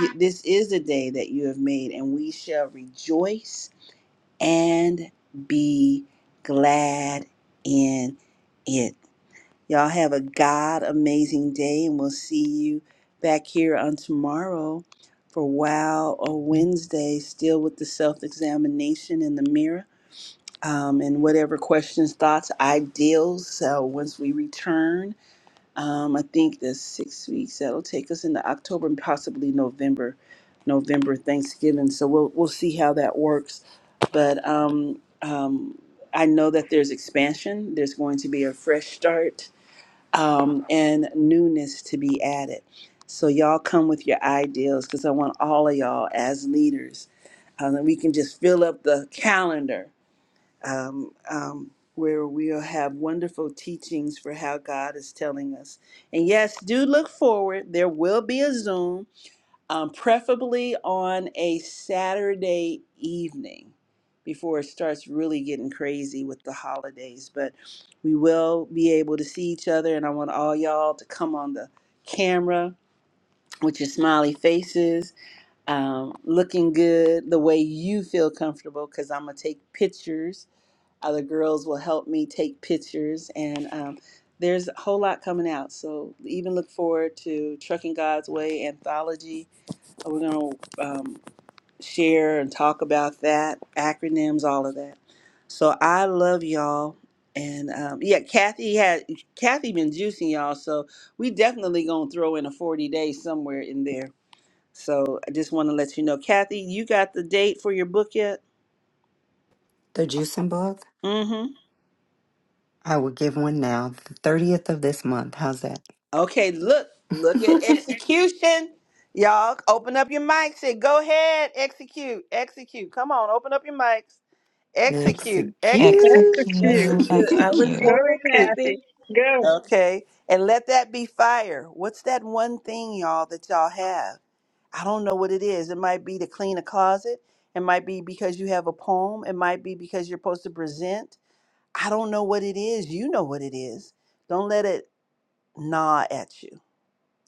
Speaker 1: you- This is the day that you have made, and we shall rejoice and be glad in it. Y'all have a God amazing day, and we'll see you back here on tomorrow for Wow or Wednesday, still with the self examination in the mirror um, and whatever questions, thoughts, ideals. So once we return, um, I think the six weeks that'll take us into October and possibly November, November Thanksgiving. So we'll we'll see how that works, but um, um, I know that there's expansion. There's going to be a fresh start um, and newness to be added. So y'all come with your ideals because I want all of y'all as leaders, um, and we can just fill up the calendar um, um, where we'll have wonderful teachings for how God is telling us. And yes, do look forward. There will be a Zoom um, preferably on a Saturday evening before it starts really getting crazy with the holidays. But we will be able to see each other, and I want all y'all to come on the camera with your smiley faces, um, looking good the way you feel comfortable, because I'm going to take pictures. Other girls will help me take pictures, and um, there's a whole lot coming out. So even look forward to Trucking God's Way anthology we're going to um, share and talk about that, acronyms, all of that. So I love y'all. And um, yeah, Kathy had Kathy been juicing y'all, so we definitely gonna throw in a forty day somewhere in there. So I just want to let you know, Kathy, you got the date for your book yet?
Speaker 4: juicing book.
Speaker 1: Mm-hmm.
Speaker 4: I will give one now, the 30th of this month. How's that?
Speaker 1: Okay, look, look at
Speaker 4: [LAUGHS]
Speaker 1: execution, y'all. Open up your mics. Say, go ahead, execute, execute. Come on, open up your mics. Execute, execute.
Speaker 4: Execute.
Speaker 11: That's a cute. I
Speaker 4: [LAUGHS]
Speaker 11: look forward, Kathy.
Speaker 10: Hey,
Speaker 1: Okay. And let that be fire. What's that one thing, y'all, that y'all have? I don't know what it is. It might be to clean a closet. It might be because you have a poem. It might be because you're supposed to present. I don't know what it is. You know what it is. Don't let it gnaw at you.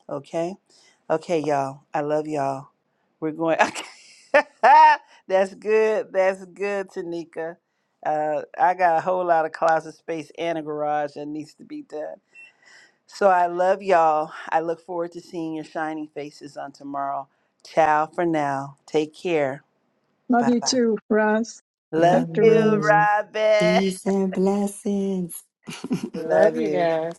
Speaker 1: Okay. Okay, y'all. I love y'all. We're going. [LAUGHS] Okay. That's good. That's good, Tanika. Uh, I got a whole lot of closet space and a garage that needs to be done. So I love y'all. I look forward to seeing your shining faces on tomorrow. Ciao for now. Take care.
Speaker 10: Love
Speaker 1: Bye
Speaker 10: you
Speaker 1: bye.
Speaker 10: too, Roz,
Speaker 1: Love
Speaker 4: Love
Speaker 10: Dr.
Speaker 1: you,
Speaker 10: Roz.
Speaker 4: you.
Speaker 1: Robin.
Speaker 4: Peace and blessings.
Speaker 3: Love
Speaker 1: Love
Speaker 3: you
Speaker 1: you.
Speaker 4: [LAUGHS]
Speaker 3: guys.